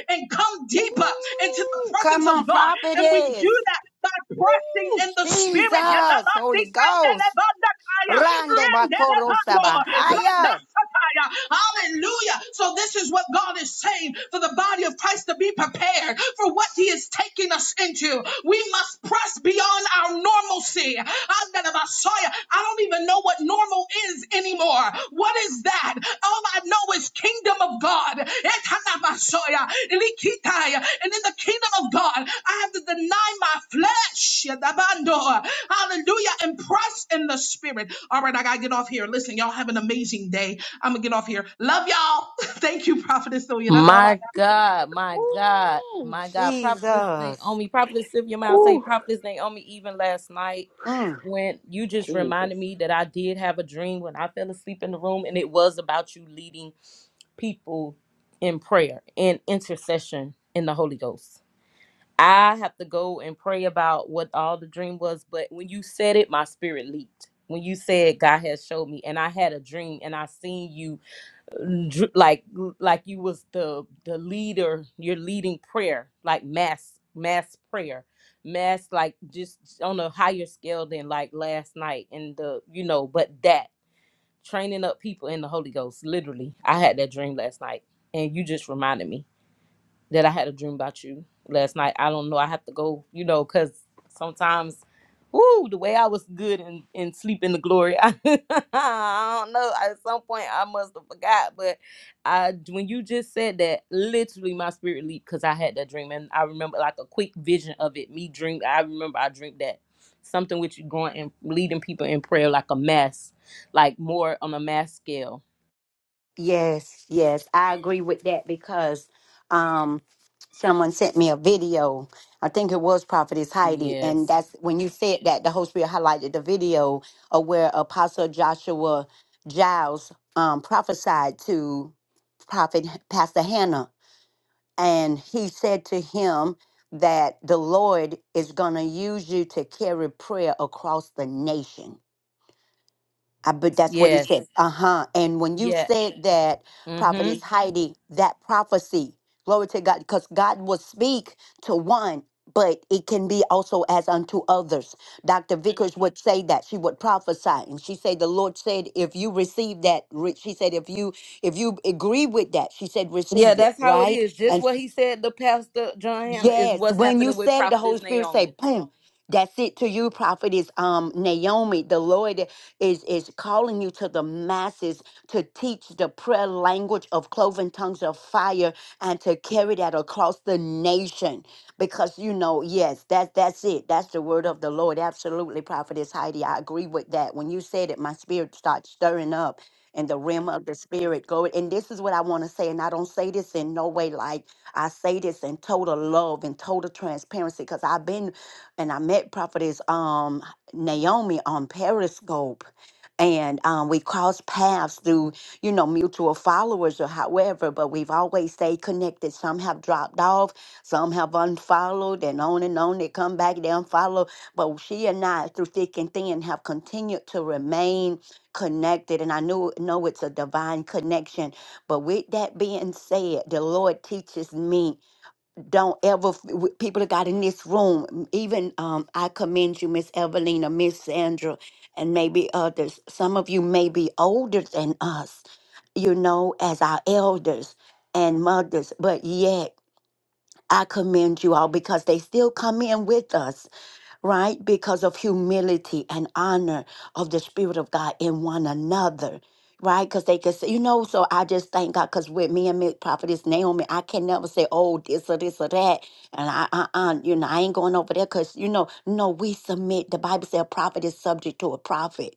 S3: and come deeper into the
S1: Ooh,
S3: presence
S1: come
S3: of
S1: on,
S3: God. And we do
S1: prophetess.
S3: that by pressing
S1: Ooh,
S3: in the spirit.
S1: Jesus, Holy Ghost.
S3: Yadabandikandalabandakaya,
S1: Rande bakoro
S3: rendelabando,
S1: sabahaya.
S3: blandasataya. Hallelujah. So this is what God is saying for the body of Christ to be prepared for what he is taking us into. We must press beyond on our normalcy. Andalabasaya. I don't even know what normal is anymore. What is that? All I know is kingdom of God. Etanabasaya. Likitaya. And in the kingdom of God, I have to deny my flesh. Yadabando. Hallelujah. And press in the spirit. All right, I got to get off here. Listen, y'all have an amazing day. I'm going to get off here. Love y'all. Thank you, Prophetess Sylvia. That's all I got
S2: My
S3: to say.
S2: God, my God,
S1: Ooh,
S2: my God. Prophetess
S1: Jesus.
S2: Naomi, Prophetess Sylvia Miles say,
S4: Ooh,
S2: Prophetess Naomi, even last night
S1: Mm.
S2: when you just
S4: Jesus.
S2: reminded me that I did have a dream when I fell asleep in the room, and it was about you leading people in prayer and intercession in the Holy Ghost. I have to go and pray about what all the dream was, but when you said it, my spirit leaped. When you said God has showed me, and I had a dream, and I seen you dr- like like you was the the leader you're leading prayer like mass mass prayer mass like just on a higher scale than like last night and the you know but that training up people in the holy ghost literally i had that dream last night and you just reminded me that I had a dream about you last night. I don't know. I have to go, you know, because sometimes, ooh, the way I was good and in, in sleep in the glory, I, don't know. At some point, I must have forgot. But I, when you just said that, literally my spirit leaped because I had that dream. And I remember like a quick vision of it. Me dream. I remember I dreamed that something with you going and leading people in prayer like a mass, like more on a mass scale.
S1: Yes, yes, I agree with that because um, someone sent me a video. I think it was Prophetess Heidi, and
S2: Yes.
S1: that's when you said that the Holy Spirit highlighted the video of where Apostle Joshua Giles um, prophesied to Prophet Pastor Hannah, and he said to him that the Lord is going to use you to carry prayer across the nation. I but that's what he
S2: Yes.
S1: said. Uh huh. And when you
S2: Yeah.
S1: said that,
S2: Mm-hmm.
S1: prophetess Heidi, that prophecy, glory to God, because God will speak to one, but it can be also as unto others. Dr. Vickers would say that she would prophesy, and she said, "The Lord said, if you receive that, re-" she said, if you if you agree with that, she said,
S2: Yeah,
S1: receive it,
S2: that's how it
S1: right?"
S2: is. Just what he said to Pastor John Hannah is
S1: Yes,
S2: what's
S1: when you
S2: happening with
S1: said it, the Holy
S2: Prophetess
S1: Spirit say,
S2: Naomi.
S1: "Boom." That's it to you, prophetess um, Naomi. The Lord is is calling you to the masses to teach the prayer language of cloven tongues of fire and to carry that across the nation. Because you know, yes, that that's it. That's the word of the Lord. Absolutely, prophetess Heidi. I agree with that. When you said it, my spirit starts stirring up in the realm of the spirit. Go and this is what I want to say, and I don't say this in no way like. I say this in total love and total transparency because I've been and I met prophetess um Naomi on Periscope and um, we cross paths through you know mutual followers or however but we've always stayed connected some have dropped off some have unfollowed and on and on they come back they unfollow but she and i through thick and thin have continued to remain connected and i knew know it's a divine connection but with that being said, the Lord teaches me don't ever, f- w- people that got in this room, m- even um, I commend you, Miss Evelina, Miss Sandra, and maybe others. Some of you may be older than us, you know, as our elders and mothers, but yet I commend you all because they still come in with us right? Because of humility and honor of the Spirit of God in one another. Right, because they could say, you know, so I just thank God. Because with me and Miss Prophetess Naomi, I can never say, oh, this or this or that, and I, uh, uh, you know, I ain't going over there. Because you know, no, we submit. The Bible says, a prophet is subject to a prophet.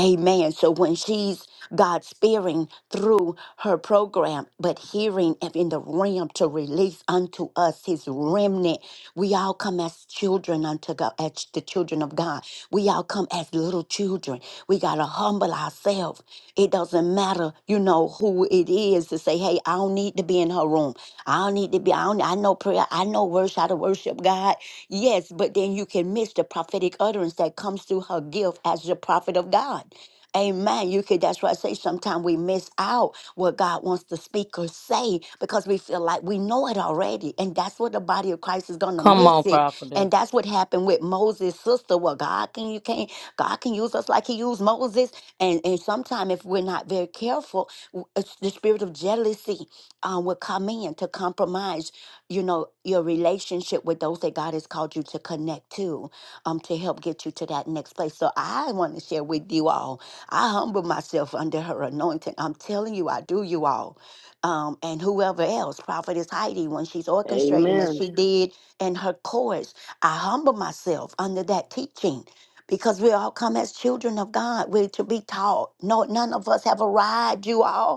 S1: Amen. So when she's God spearing through her program, but hearing and in the realm to release unto us his remnant, we all come as children unto God, as the children of God. We all come as little children. We got to humble ourselves. It doesn't matter, you know, who it is to say, hey, I don't need to be in her room. I don't need to be, I, don't, I know prayer. I know worship, how to worship God. Yes, but then you can miss the prophetic utterance that comes through her gift as the prophet of God. Amen. You could that's why I say sometimes we miss out what God wants the speaker say because we feel like we know it already. And that's what the body of Christ is gonna
S2: Come on,
S1: miss it. And
S2: Prophetess.
S1: that's what happened with Moses' sister. Well, God can you can't God can use us like he used Moses. And and sometimes if we're not very careful, w- it's the spirit of jealousy um, will come in to compromise you know, your relationship with those that God has called you to connect to, um, to help get you to that next place. So I want to share with you all. I humble myself under her anointing. I'm telling you, I do you all. Um, and whoever else, Prophetess Heidi, when she's orchestrating as
S4: Amen.
S1: she did in her course, I humble myself under that teaching because we all come as children of God. We're to be taught. No, none of us have arrived, you all.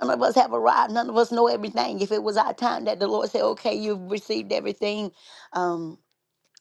S1: None of us have arrived. None of us know everything. If it was our time that the Lord said, okay, you've received everything, um,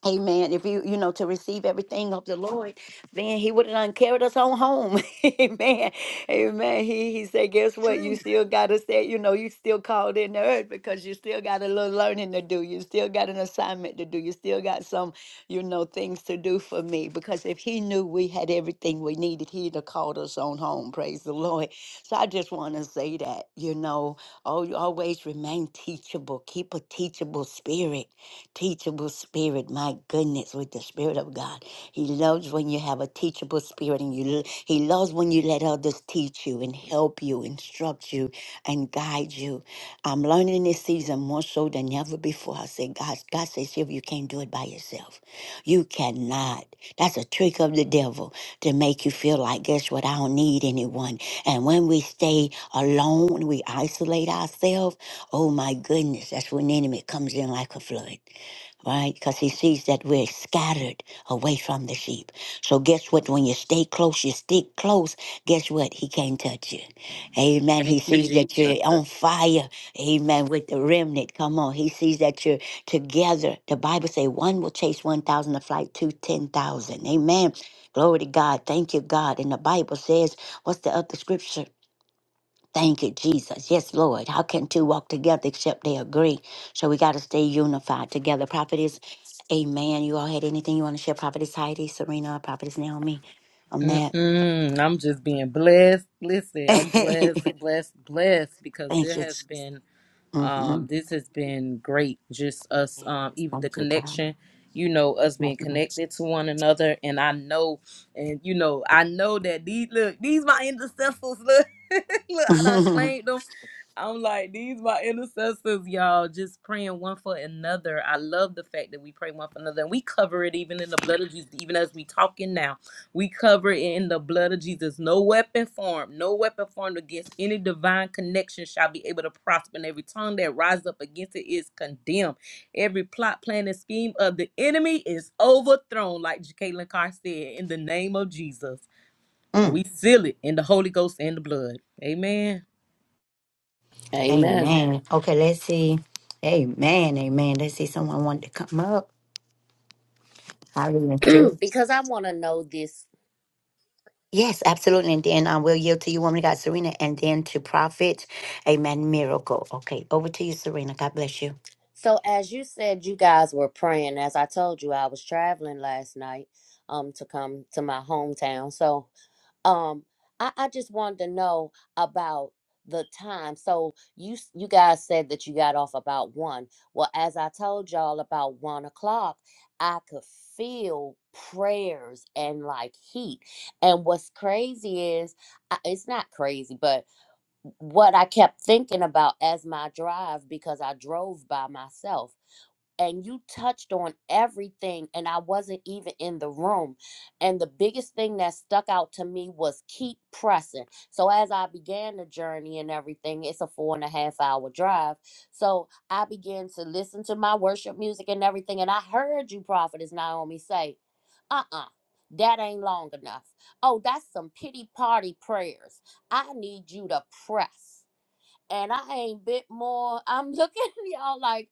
S1: Amen. If you, you know, to receive everything of the Lord, then he would have done carried us on home. Amen. Amen. He he said, guess what? You
S3: True.
S1: still gotta say, you know, you still called in the earth because you still got a little learning to do. You still got an assignment to do. You still got some, you know, things to do for me. Because if he knew we had everything we needed, he'd have called us on home. Praise the Lord. So I just want to say that, you know, oh, you always remain teachable. Keep a teachable spirit Teachable spirit, my goodness, with the spirit of God. He loves when you have a teachable spirit and you he loves when you let others teach you and help you, instruct you, and guide you. I'm learning this season more so than ever before. I say, God, God says, if you can't do it by yourself. You cannot. That's a trick of the devil to make you feel like, guess what? I don't need anyone. And when we stay alone, we isolate ourselves. Oh my goodness, that's when the enemy comes in like a flood right? Because he sees that we're scattered away from the sheep. So guess what? When you stay close, you stick close. Guess what? He can't touch you. Amen. He
S2: Thank you,
S1: sees
S2: Jesus.
S1: that you're on fire. Amen. With the remnant, come on. He sees that you're together. The Bible say one will chase one thousand, a flight to two ten thousand. Amen. Glory to God. Thank you, God. And the Bible says, what's the other scripture? Thank you, Jesus. Yes, Lord. How can two walk together except they agree? So we got to stay unified together. Prophetess, amen. You all had anything you want to share? Prophetess Heidi, Serena, Prophetess Naomi on that?
S2: Mm-mm, I'm just being blessed. Listen, I'm
S1: Thank
S2: blessed, blessed, blessed because
S1: you.
S2: there has
S1: Jesus.
S2: been
S1: hmm
S2: Um, this has been great. Just us, um,
S1: Yes,
S2: even the
S1: thank you, God.
S2: connection, you know, us being
S1: hmm
S2: connected to one another. And I know, and you know, I know that these look, these my intercessors. Look, look, I done claimed them. I'm like, these my intercessors, y'all, just praying one for another. I love the fact that we pray one for another and we cover it even in the blood of Jesus, even as we talking now. We cover it in the blood of Jesus. No weapon formed, no weapon formed against any divine connection shall be able to prosper. And every tongue that rises up against it is condemned. Every plot, plan, and scheme of the enemy is overthrown, like Jacqueline Carr said, in the name of Jesus. And
S1: Mm,
S2: we seal it in the Holy Ghost and the blood. Amen.
S4: Amen.
S1: amen. Okay, let's see. Amen, amen. Let's see. Someone wanted to come up. Hallelujah.
S4: because I want to know this.
S1: Yes, absolutely. And then I will yield to you, woman of God, Serena, and then to Prophet. Amen. Miracle. Okay, over to you, Serena. God bless you.
S4: So, as you said, you guys were praying. As I told you, I was traveling last night um to come to my hometown. So, um I, I just wanted to know about the time so you s- you guys said that you got off about one well as i told y'all about one o'clock i could feel prayers and like heat and what's crazy is I, it's not crazy but what i kept thinking about as my drive because i drove by myself and you touched on everything and I wasn't even in the room. And the biggest thing that stuck out to me was keep pressing. So as I began the journey and everything, it's a four and a half hour drive. So I began to listen to my worship music and everything. And I heard you, Prophetess Naomi, say, uh-uh. That ain't long enough. Oh, that's some pity party prayers. I need you to press. And I ain't bit more. I'm looking at y'all like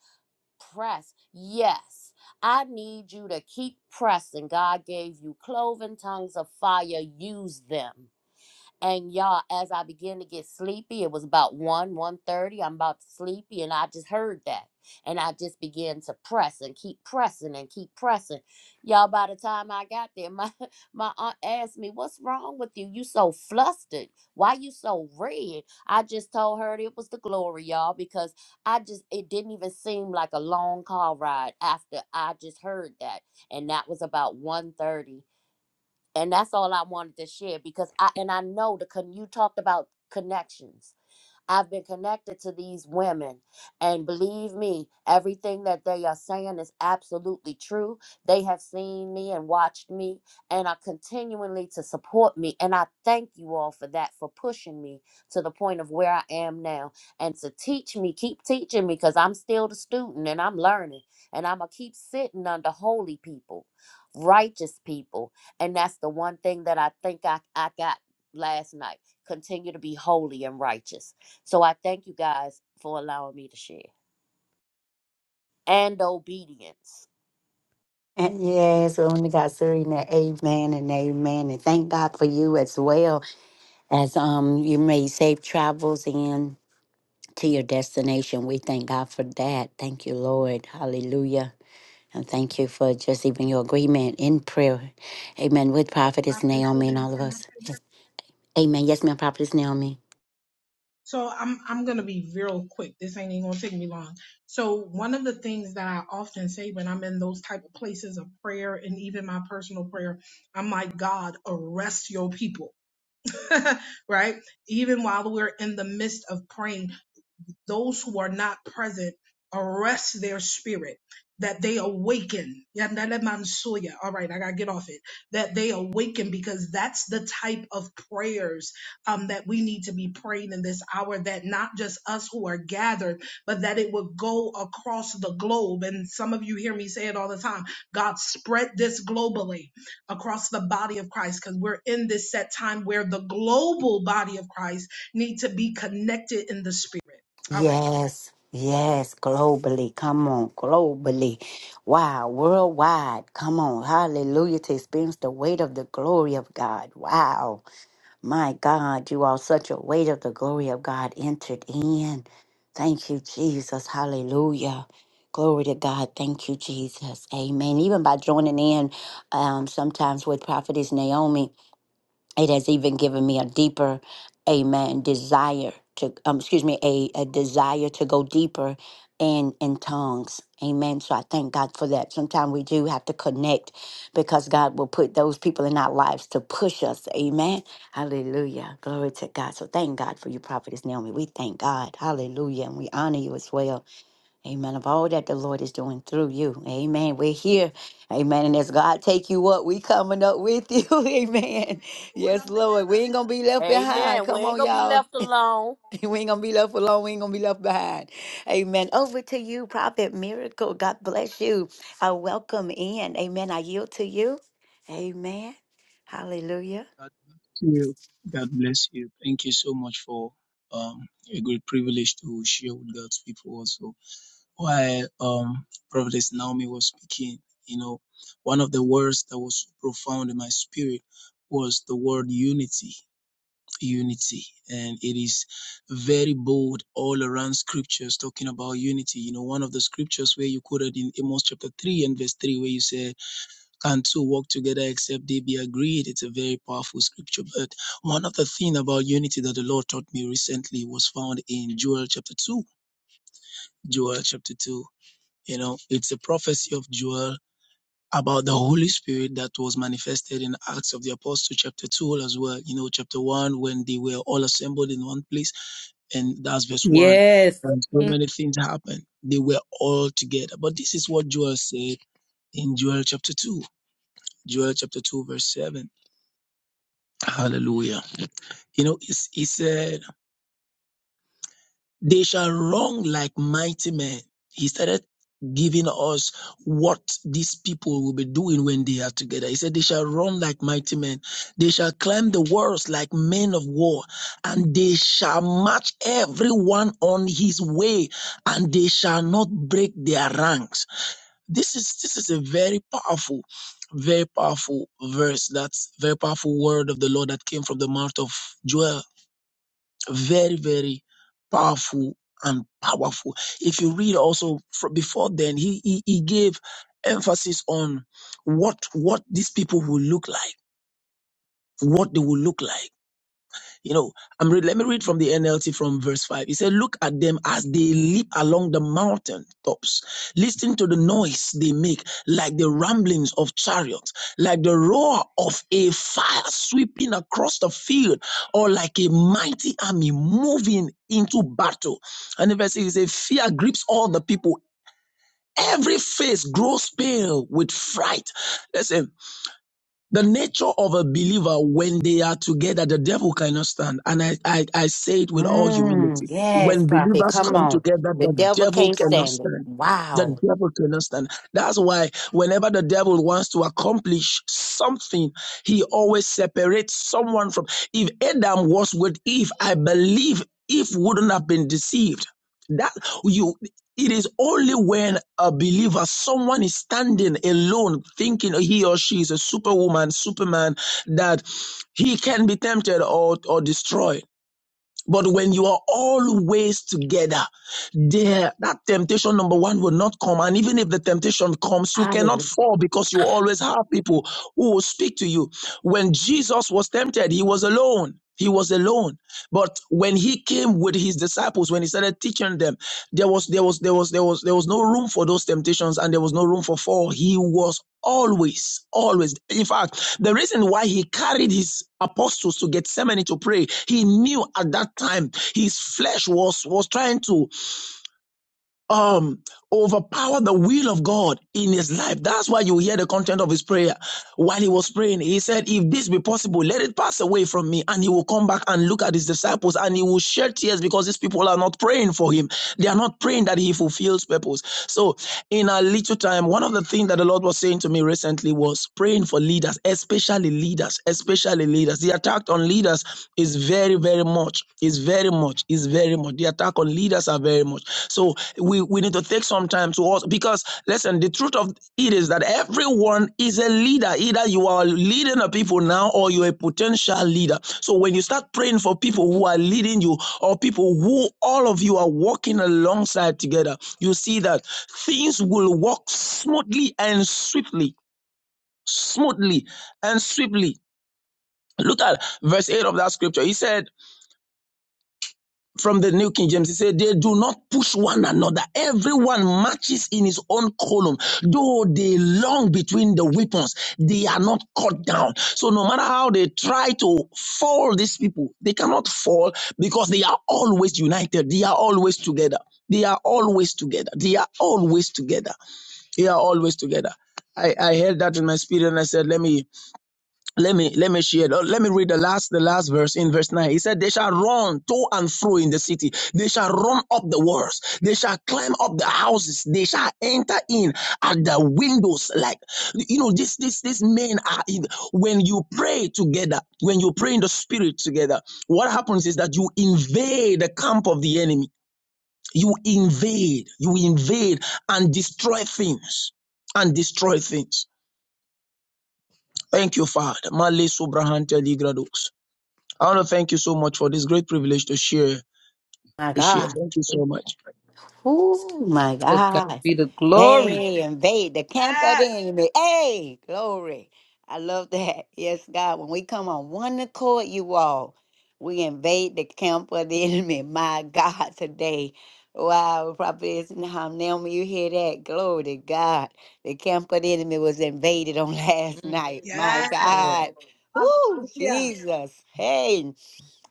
S4: press. Yes, I need you to keep pressing. God gave you cloven tongues of fire, use them. And y'all, as I began to get sleepy, it was about one one 1.30, I'm about to sleepy, and I just heard that. And I just began to press and keep pressing and keep pressing. Y'all, by the time I got there, my, my aunt asked me, what's wrong with you? You so flustered. Why you so red? I just told her it was the glory, y'all, because I just, it didn't even seem like a long car ride after I just heard that. And that was about one thirty and that's all I wanted to share because I and I know the con- you talked about connections I've been connected to these women, and believe me, everything that they are saying is absolutely true. They have seen me and watched me and are continually to support me. And I thank you all for that, for pushing me to the point of where I am now and to teach me, keep teaching me because I'm still the student and I'm learning. And I'm going to keep sitting under holy people, righteous people. And that's the one thing that I think I, I got last night. Continue to be holy and righteous so I thank you guys for allowing me to share and obedience.
S1: And yes, woman of God, Serena. Amen and amen. And thank God for you as well as um you made safe travels in to your destination. We thank God for that. Thank you, Lord. Hallelujah. And thank you for just even your agreement in prayer. Amen. With
S3: quick,
S1: Prophetess
S3: Prophetess
S1: Naomi
S3: Sylvia,
S1: and all of
S3: can I
S1: us.
S3: say that?
S1: Amen. Yes, ma'am, Prophetess Naomi.
S3: So I'm I'm gonna be real quick. This ain't even gonna take me long. So one of the things that I often say when I'm in those type of places of prayer and even my personal prayer, I'm like, God, arrest your people. right? Even while we're in the midst of praying. those who are not present arrest their spirit that they awaken Yandelemansoya. all right i gotta get off it that they awaken because that's the type of prayers um, that we need to be praying in this hour that not just us who are gathered but that it would go across the globe and some of you hear me say it all the time god spread this globally across the body of christ because we're in this set time where the global body of christ need to be connected in the spirit all right.
S1: Yes, yes, globally. Come on, globally. Wow, worldwide. Come on, hallelujah, to experience the weight of the glory of God. Wow, my God, you are such a weight of the glory of God entered in. Thank you, Jesus. Hallelujah. Glory to God. Thank you, Jesus. Amen. Even by joining in um, sometimes with Prophetess Naomi, it has even given me a deeper amen desire to um, excuse me a, a desire to go deeper in in tongues amen so i thank god for that sometimes we do have to connect because god will put those people in our lives to push us amen hallelujah glory to god so thank god for you prophetess naomi we thank god hallelujah and we honor you as well Amen. Of all that the Lord is doing through you. Amen. We're here. Amen. And as God take you up, we coming up with you. Amen. Yes, Lord. We ain't gonna be left behind.
S4: Amen. We
S1: Come
S4: ain't
S1: on,
S4: gonna be
S1: y'all.
S4: left alone.
S1: We ain't gonna be left alone. We ain't gonna be left behind. Amen. Over to you, Prophet Miracle. God bless you. I welcome in. Amen. I yield to you. Amen. Hallelujah.
S5: God bless you. God bless you. Thank you so much for um, a great privilege to share with God's people also. While um, Prophetess Naomi was speaking, you know, one of the words that was so profound in my spirit was the word unity. Unity, and it is very bold all around scriptures talking about unity. You know, one of the scriptures where you quoted in Amos chapter 3 and verse 3, where you said, can two walk together except they be agreed? It's a very powerful scripture. But one of the things about unity that the Lord taught me recently was found in Joel chapter 2. Joel chapter 2. You know, it's a prophecy of Joel about the Holy Spirit that was manifested in Acts of the Apostle chapter 2 as well. You know, chapter 1, when they were all assembled in one place, and that's verse 1.
S2: Yes.
S5: And so many things happened. They were all together. But this is what Joel said in Joel chapter 2. Joel chapter 2, verse 7. Hallelujah. You know, it's- he said, they shall run like mighty men. He started giving us what these people will be doing when they are together. He said, they shall run like mighty men. They shall climb the walls like men of war and they shall march everyone on his way and they shall not break their ranks. This is, this is a very powerful very powerful verse that's very powerful word of the lord that came from the mouth of joel Very, very powerful and powerful. If you read also fro- before then, he, he, he gave emphasis on what, what these people will look like, what they will look like. You know, I'm read, let me read from the NLT from verse 5. He said, Look at them as they leap along the mountain tops. Listen to the noise they make, like the ramblings of chariots, like the roar of a fire sweeping across the field, or like a mighty army moving into battle. And the verse is a fear grips all the people. Every face grows pale with fright. Listen, the nature of a believer when they are together, the devil cannot stand. And I, I, I say it with all
S1: Mm,
S5: humility.
S1: yes,
S5: When
S1: prophet.
S5: believers
S1: Come
S5: come
S1: on.
S5: together,
S1: The
S5: the
S1: devil
S5: devil
S1: can't
S5: cannot
S1: stand it.
S5: stand. The
S1: Wow.
S5: devil cannot stand. That's why whenever the devil wants to accomplish something, he always separates someone from. If Adam was with Eve, I believe Eve wouldn't have been deceived. That you it is only when a believer, someone is standing alone, thinking he or she is a superwoman, superman, that he can be tempted or, or destroyed. But when you are always together, there that temptation number one will not come. And even if the temptation comes, you cannot
S1: Hallelujah.
S5: fall because you always have people who will speak to you. When Jesus was tempted, he was alone. He was alone. But when he came with his disciples, when he started teaching them, there was there was there was there was there was no room for those temptations and there was no room for fall. He was always, always. In fact, the reason why he carried his apostles to Gethsemane to pray, he knew at that time his flesh was was trying to um overpower the will of God in his life. That's why you hear the content of his prayer. While he was praying, he said, If this be possible, let it pass away from me. And he will come back and look at his disciples and he will shed tears because these people are not praying for him. They are not praying that he fulfills purpose. So, in a little time, one of the things that the Lord was saying to me recently was praying for leaders, especially leaders, especially leaders. The attack on leaders is very very, very much. It's very much. It's very much. The attack on leaders are very much. So we, we need to take some time to also because listen, the truth of it is that everyone is a leader. Either you are leading the people now or you're a potential leader. So when you start praying for people who are leading you or people who all of you are working alongside together, you see that things will work smoothly and swiftly. Smoothly and swiftly. Look at verse 8 of that scripture. He said, from the New King James, it said, They do not push one another. Everyone marches in his own column. Though they long between the weapons, they are not cut down. So, no matter how they try to fall these people, they cannot fall because they are always united. They are always together. They are always together. They are always together. They are always together. I, I heard that in my spirit and I said, Let me let me let me share let me read the last the last verse in verse 9 he said they shall run to and fro in the city they shall run up the walls they shall climb up the houses they shall enter in at the windows like you know this this these men are in, when you pray together when you pray in the spirit together what happens is that you invade the camp of the enemy you invade you invade and destroy things and destroy things thank you father Male Subrahan Teligrados. I want to thank you so much for this great privilege to share.
S1: My
S5: To share.
S1: God.
S5: Thank you so much.
S1: Oh my
S2: To God
S1: God.
S2: be the glory.
S1: Hey, invade the camp of
S3: Ah,
S1: the enemy. Hey, glory. I love that. Yes, God. When we come on one accord, you all, we invade the camp of the enemy. My God, today. Wow, probably isn't how Naomi, you hear that? Glory to God. The camp of the enemy was invaded on last
S2: Mm.
S1: night.
S3: yeah.
S1: My
S2: Yes, Lord.
S1: God. Ooh,
S3: Hallelujah.
S1: Jesus. Hey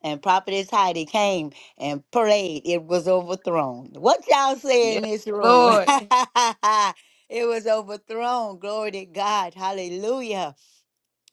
S1: and prophetess Heidi came and prayed. It was overthrown. What y'all say in this room? it was overthrown. Glory to God. Hallelujah.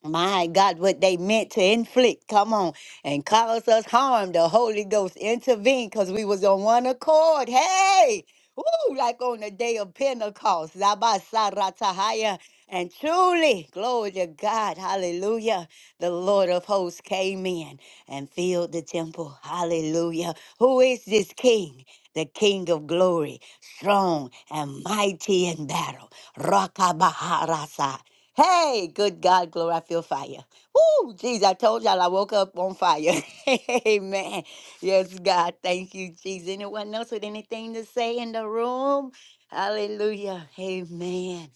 S1: My God, what they meant to inflict, come on, and cause us harm. The Holy Ghost intervened because we was on one accord. Hey, woo, like on the day of Pentecost. Zabasaratahaya. And truly, glory to God, hallelujah. The Lord of hosts came in and filled the temple. Hallelujah. Who is this king? The king of glory, strong and mighty in battle. Rakabaharasa. Hey, good God, glory, I feel fire. Woo, jeez, I told y'all I woke up on fire. Amen. Yes, God, thank you, Jesus. Anyone else with anything to say in the room? Hallelujah. Amen.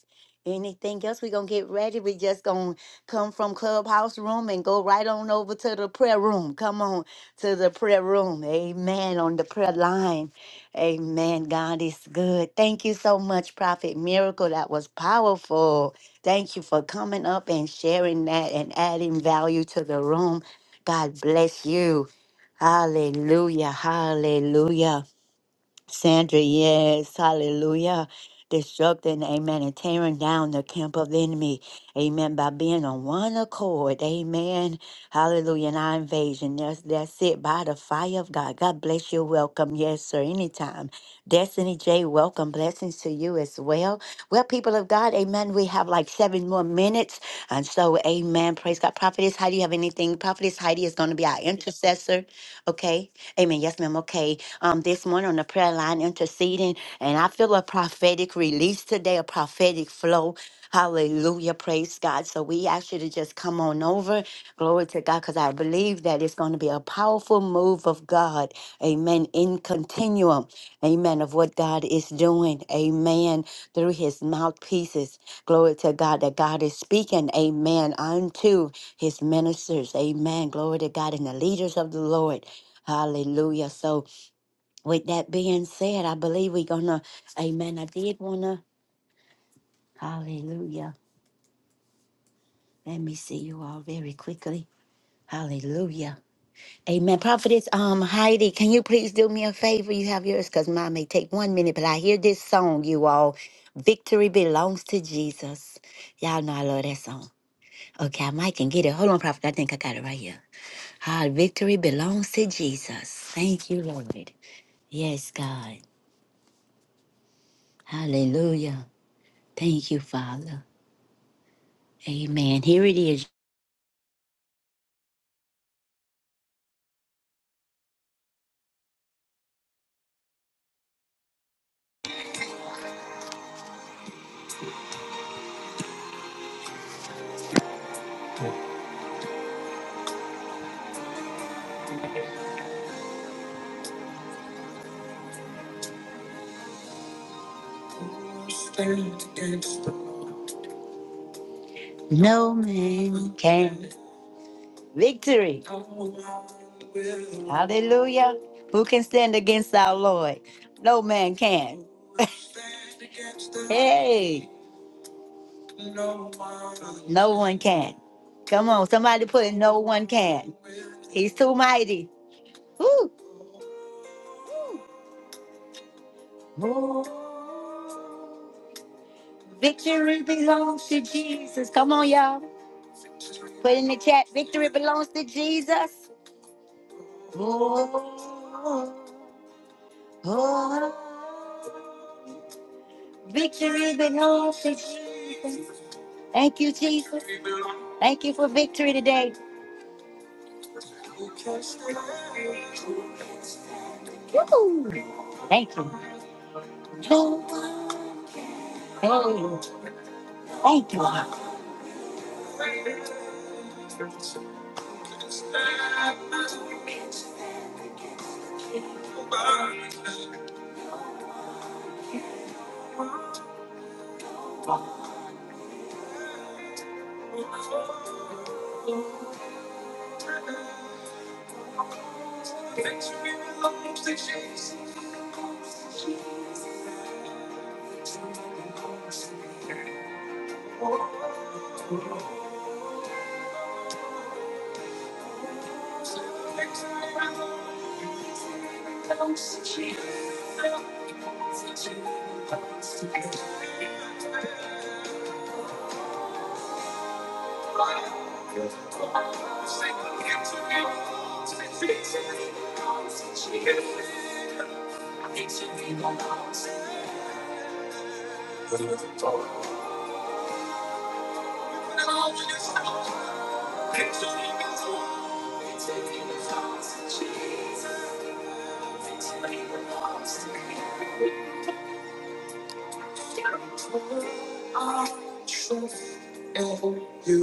S1: Anything else? We're going to get ready. we just going to come from clubhouse room and go right on over to the prayer room. Come on to the prayer room. Amen. On the prayer line. Amen. God is good. Thank you so much, Prophet Miracle. That was powerful. Thank you for coming up and sharing that and adding value to the room. God bless you. Hallelujah. Hallelujah. Sandra, yes, hallelujah. Disrupting, amen, and tearing down the camp of the enemy, amen, by being on one accord, amen, hallelujah, and our invasion. That's, that's it, by the fire of God. God bless you, welcome, yes, sir, anytime. Destiny J, welcome, blessings to you as well. Well, people of God, amen, we have like seven more minutes, and so, amen, praise God. Prophetess Heidi, you have anything? Prophetess Heidi is going to be our intercessor, okay? Amen, yes, ma'am, okay um, this morning on the prayer line interceding. And I feel a prophetic release today, a prophetic flow. Hallelujah. Praise God. So we ask you to just come on over. Glory to God, because I believe that it's going to be a powerful move of God. Amen. In continuum. Amen. Of what God is doing. Amen. Through his mouthpieces. Glory to God that God is speaking. Amen. Unto his ministers. Amen. Glory to God and the leaders of the Lord. Hallelujah. So with that being said, I believe we're going to, amen. I did want to, hallelujah. Let me see you all very quickly. Hallelujah. Amen. Prophetess um, Heidi, can you please do me a favor? You have yours because mine may take one minute, but I hear this song, you all. Victory belongs to Jesus. Y'all know I love that song. Okay, I might can get it. Hold on, Prophet. I think I got it right here. Our victory belongs to Jesus. Thank you, Lord. Yes, God. Hallelujah. Thank you, Father. Amen. Here it is. No man can. Victory. Hallelujah. Who can stand against our Lord? No man can. hey. No one can. Come on, somebody put it. No one can. He's too mighty. Woo. Victory belongs to Jesus. Come on, y'all. Put in the chat, victory belongs to Jesus. Oh, oh. Victory belongs to Jesus. Thank you, Jesus. Thank you for victory today. Woo. Thank you. Oh, thank you. Oh. It's Until I trust in you.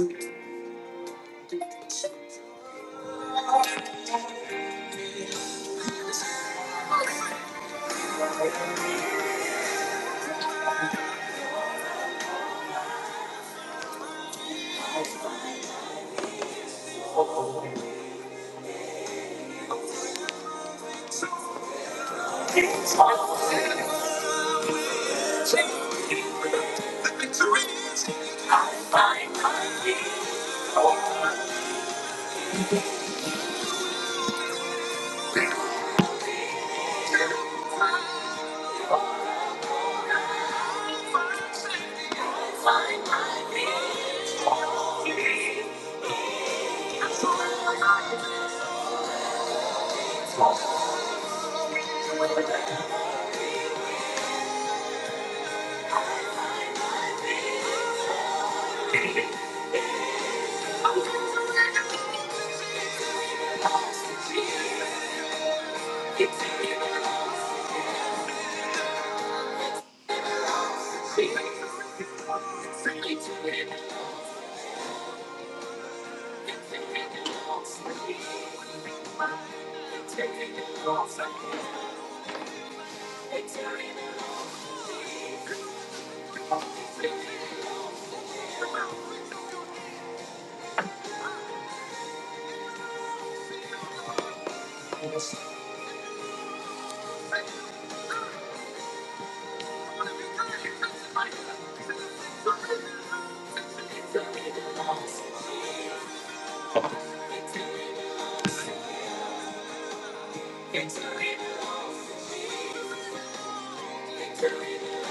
S1: Oh, it's hard to believe I find my peace. I find my peace. Thank you.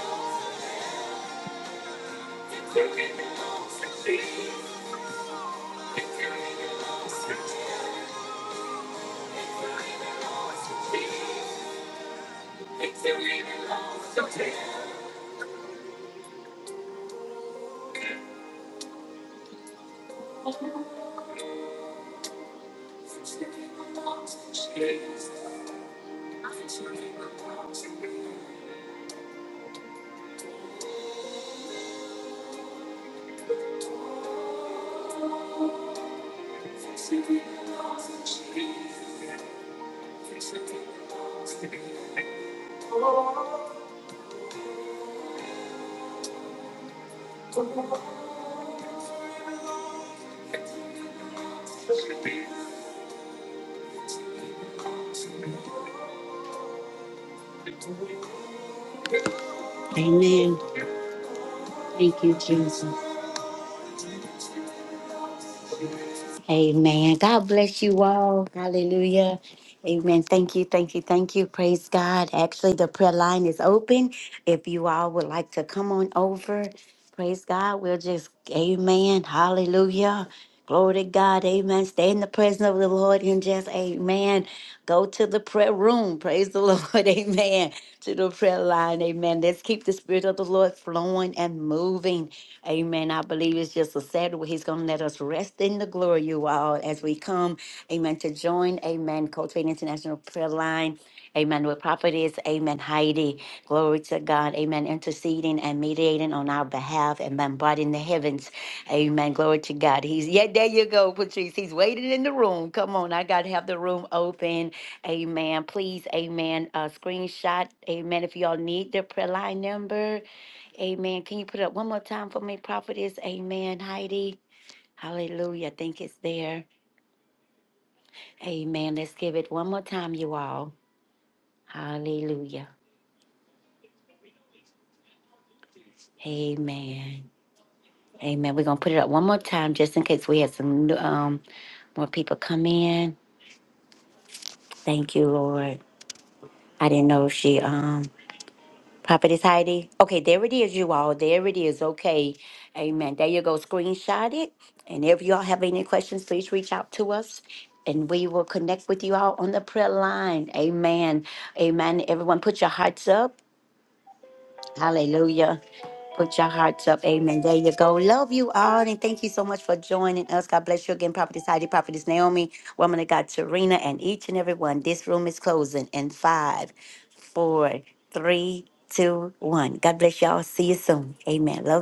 S1: Amen. Thank you, Jesus. Amen. God bless you all. Hallelujah. Amen. Thank you. Thank you. Thank you. Praise God. Actually, the prayer line is open. If you all would like to come on over, praise God. We'll just, amen. Hallelujah. Glory to God. Amen. Stay in the presence of the Lord and just, amen. Go to the prayer room. Praise the Lord. Amen. To the prayer line. Amen. Let's keep the spirit of the Lord flowing and moving. Amen. I believe it's just a Saturday He's going to let us rest in the glory, you all, as we come, amen, to join, amen, Cultivating International Prayer Line, amen, with prophetess, amen, Heidi. Glory to God, amen, interceding and mediating on our behalf, and bombarding the heavens, amen. Glory to God. He's, yeah, there you go, Patrice. He's waiting in the room. Come on, I got to have the room open, amen. Please, amen, uh, screenshot, amen, if y'all need the prayer line number. Amen. Can you put it up one more time for me, prophetess? Amen, Heidi. Hallelujah. I think it's there. Amen. Let's give it one more time, you all. Hallelujah. Amen. Amen. We're going to put it up one more time just in case we had some um, more people come in. Thank you, Lord. I didn't know if she um Prophetess Heidi. Okay, there it is, you all. There it is. Okay. Amen. There you go. Screenshot it. And if y'all have any questions, please reach out to us and we will connect with you all on the prayer line. Amen. Amen. Everyone, put your hearts up. Hallelujah. Put your hearts up. Amen. There you go. Love you all. And thank you so much for joining us. God bless you again, Prophetess Heidi, Prophetess Naomi, Woman of God, Serena, and each and every one. This room is closing in five four, three, two, one. God bless y'all. See you soon. Amen. Love. you.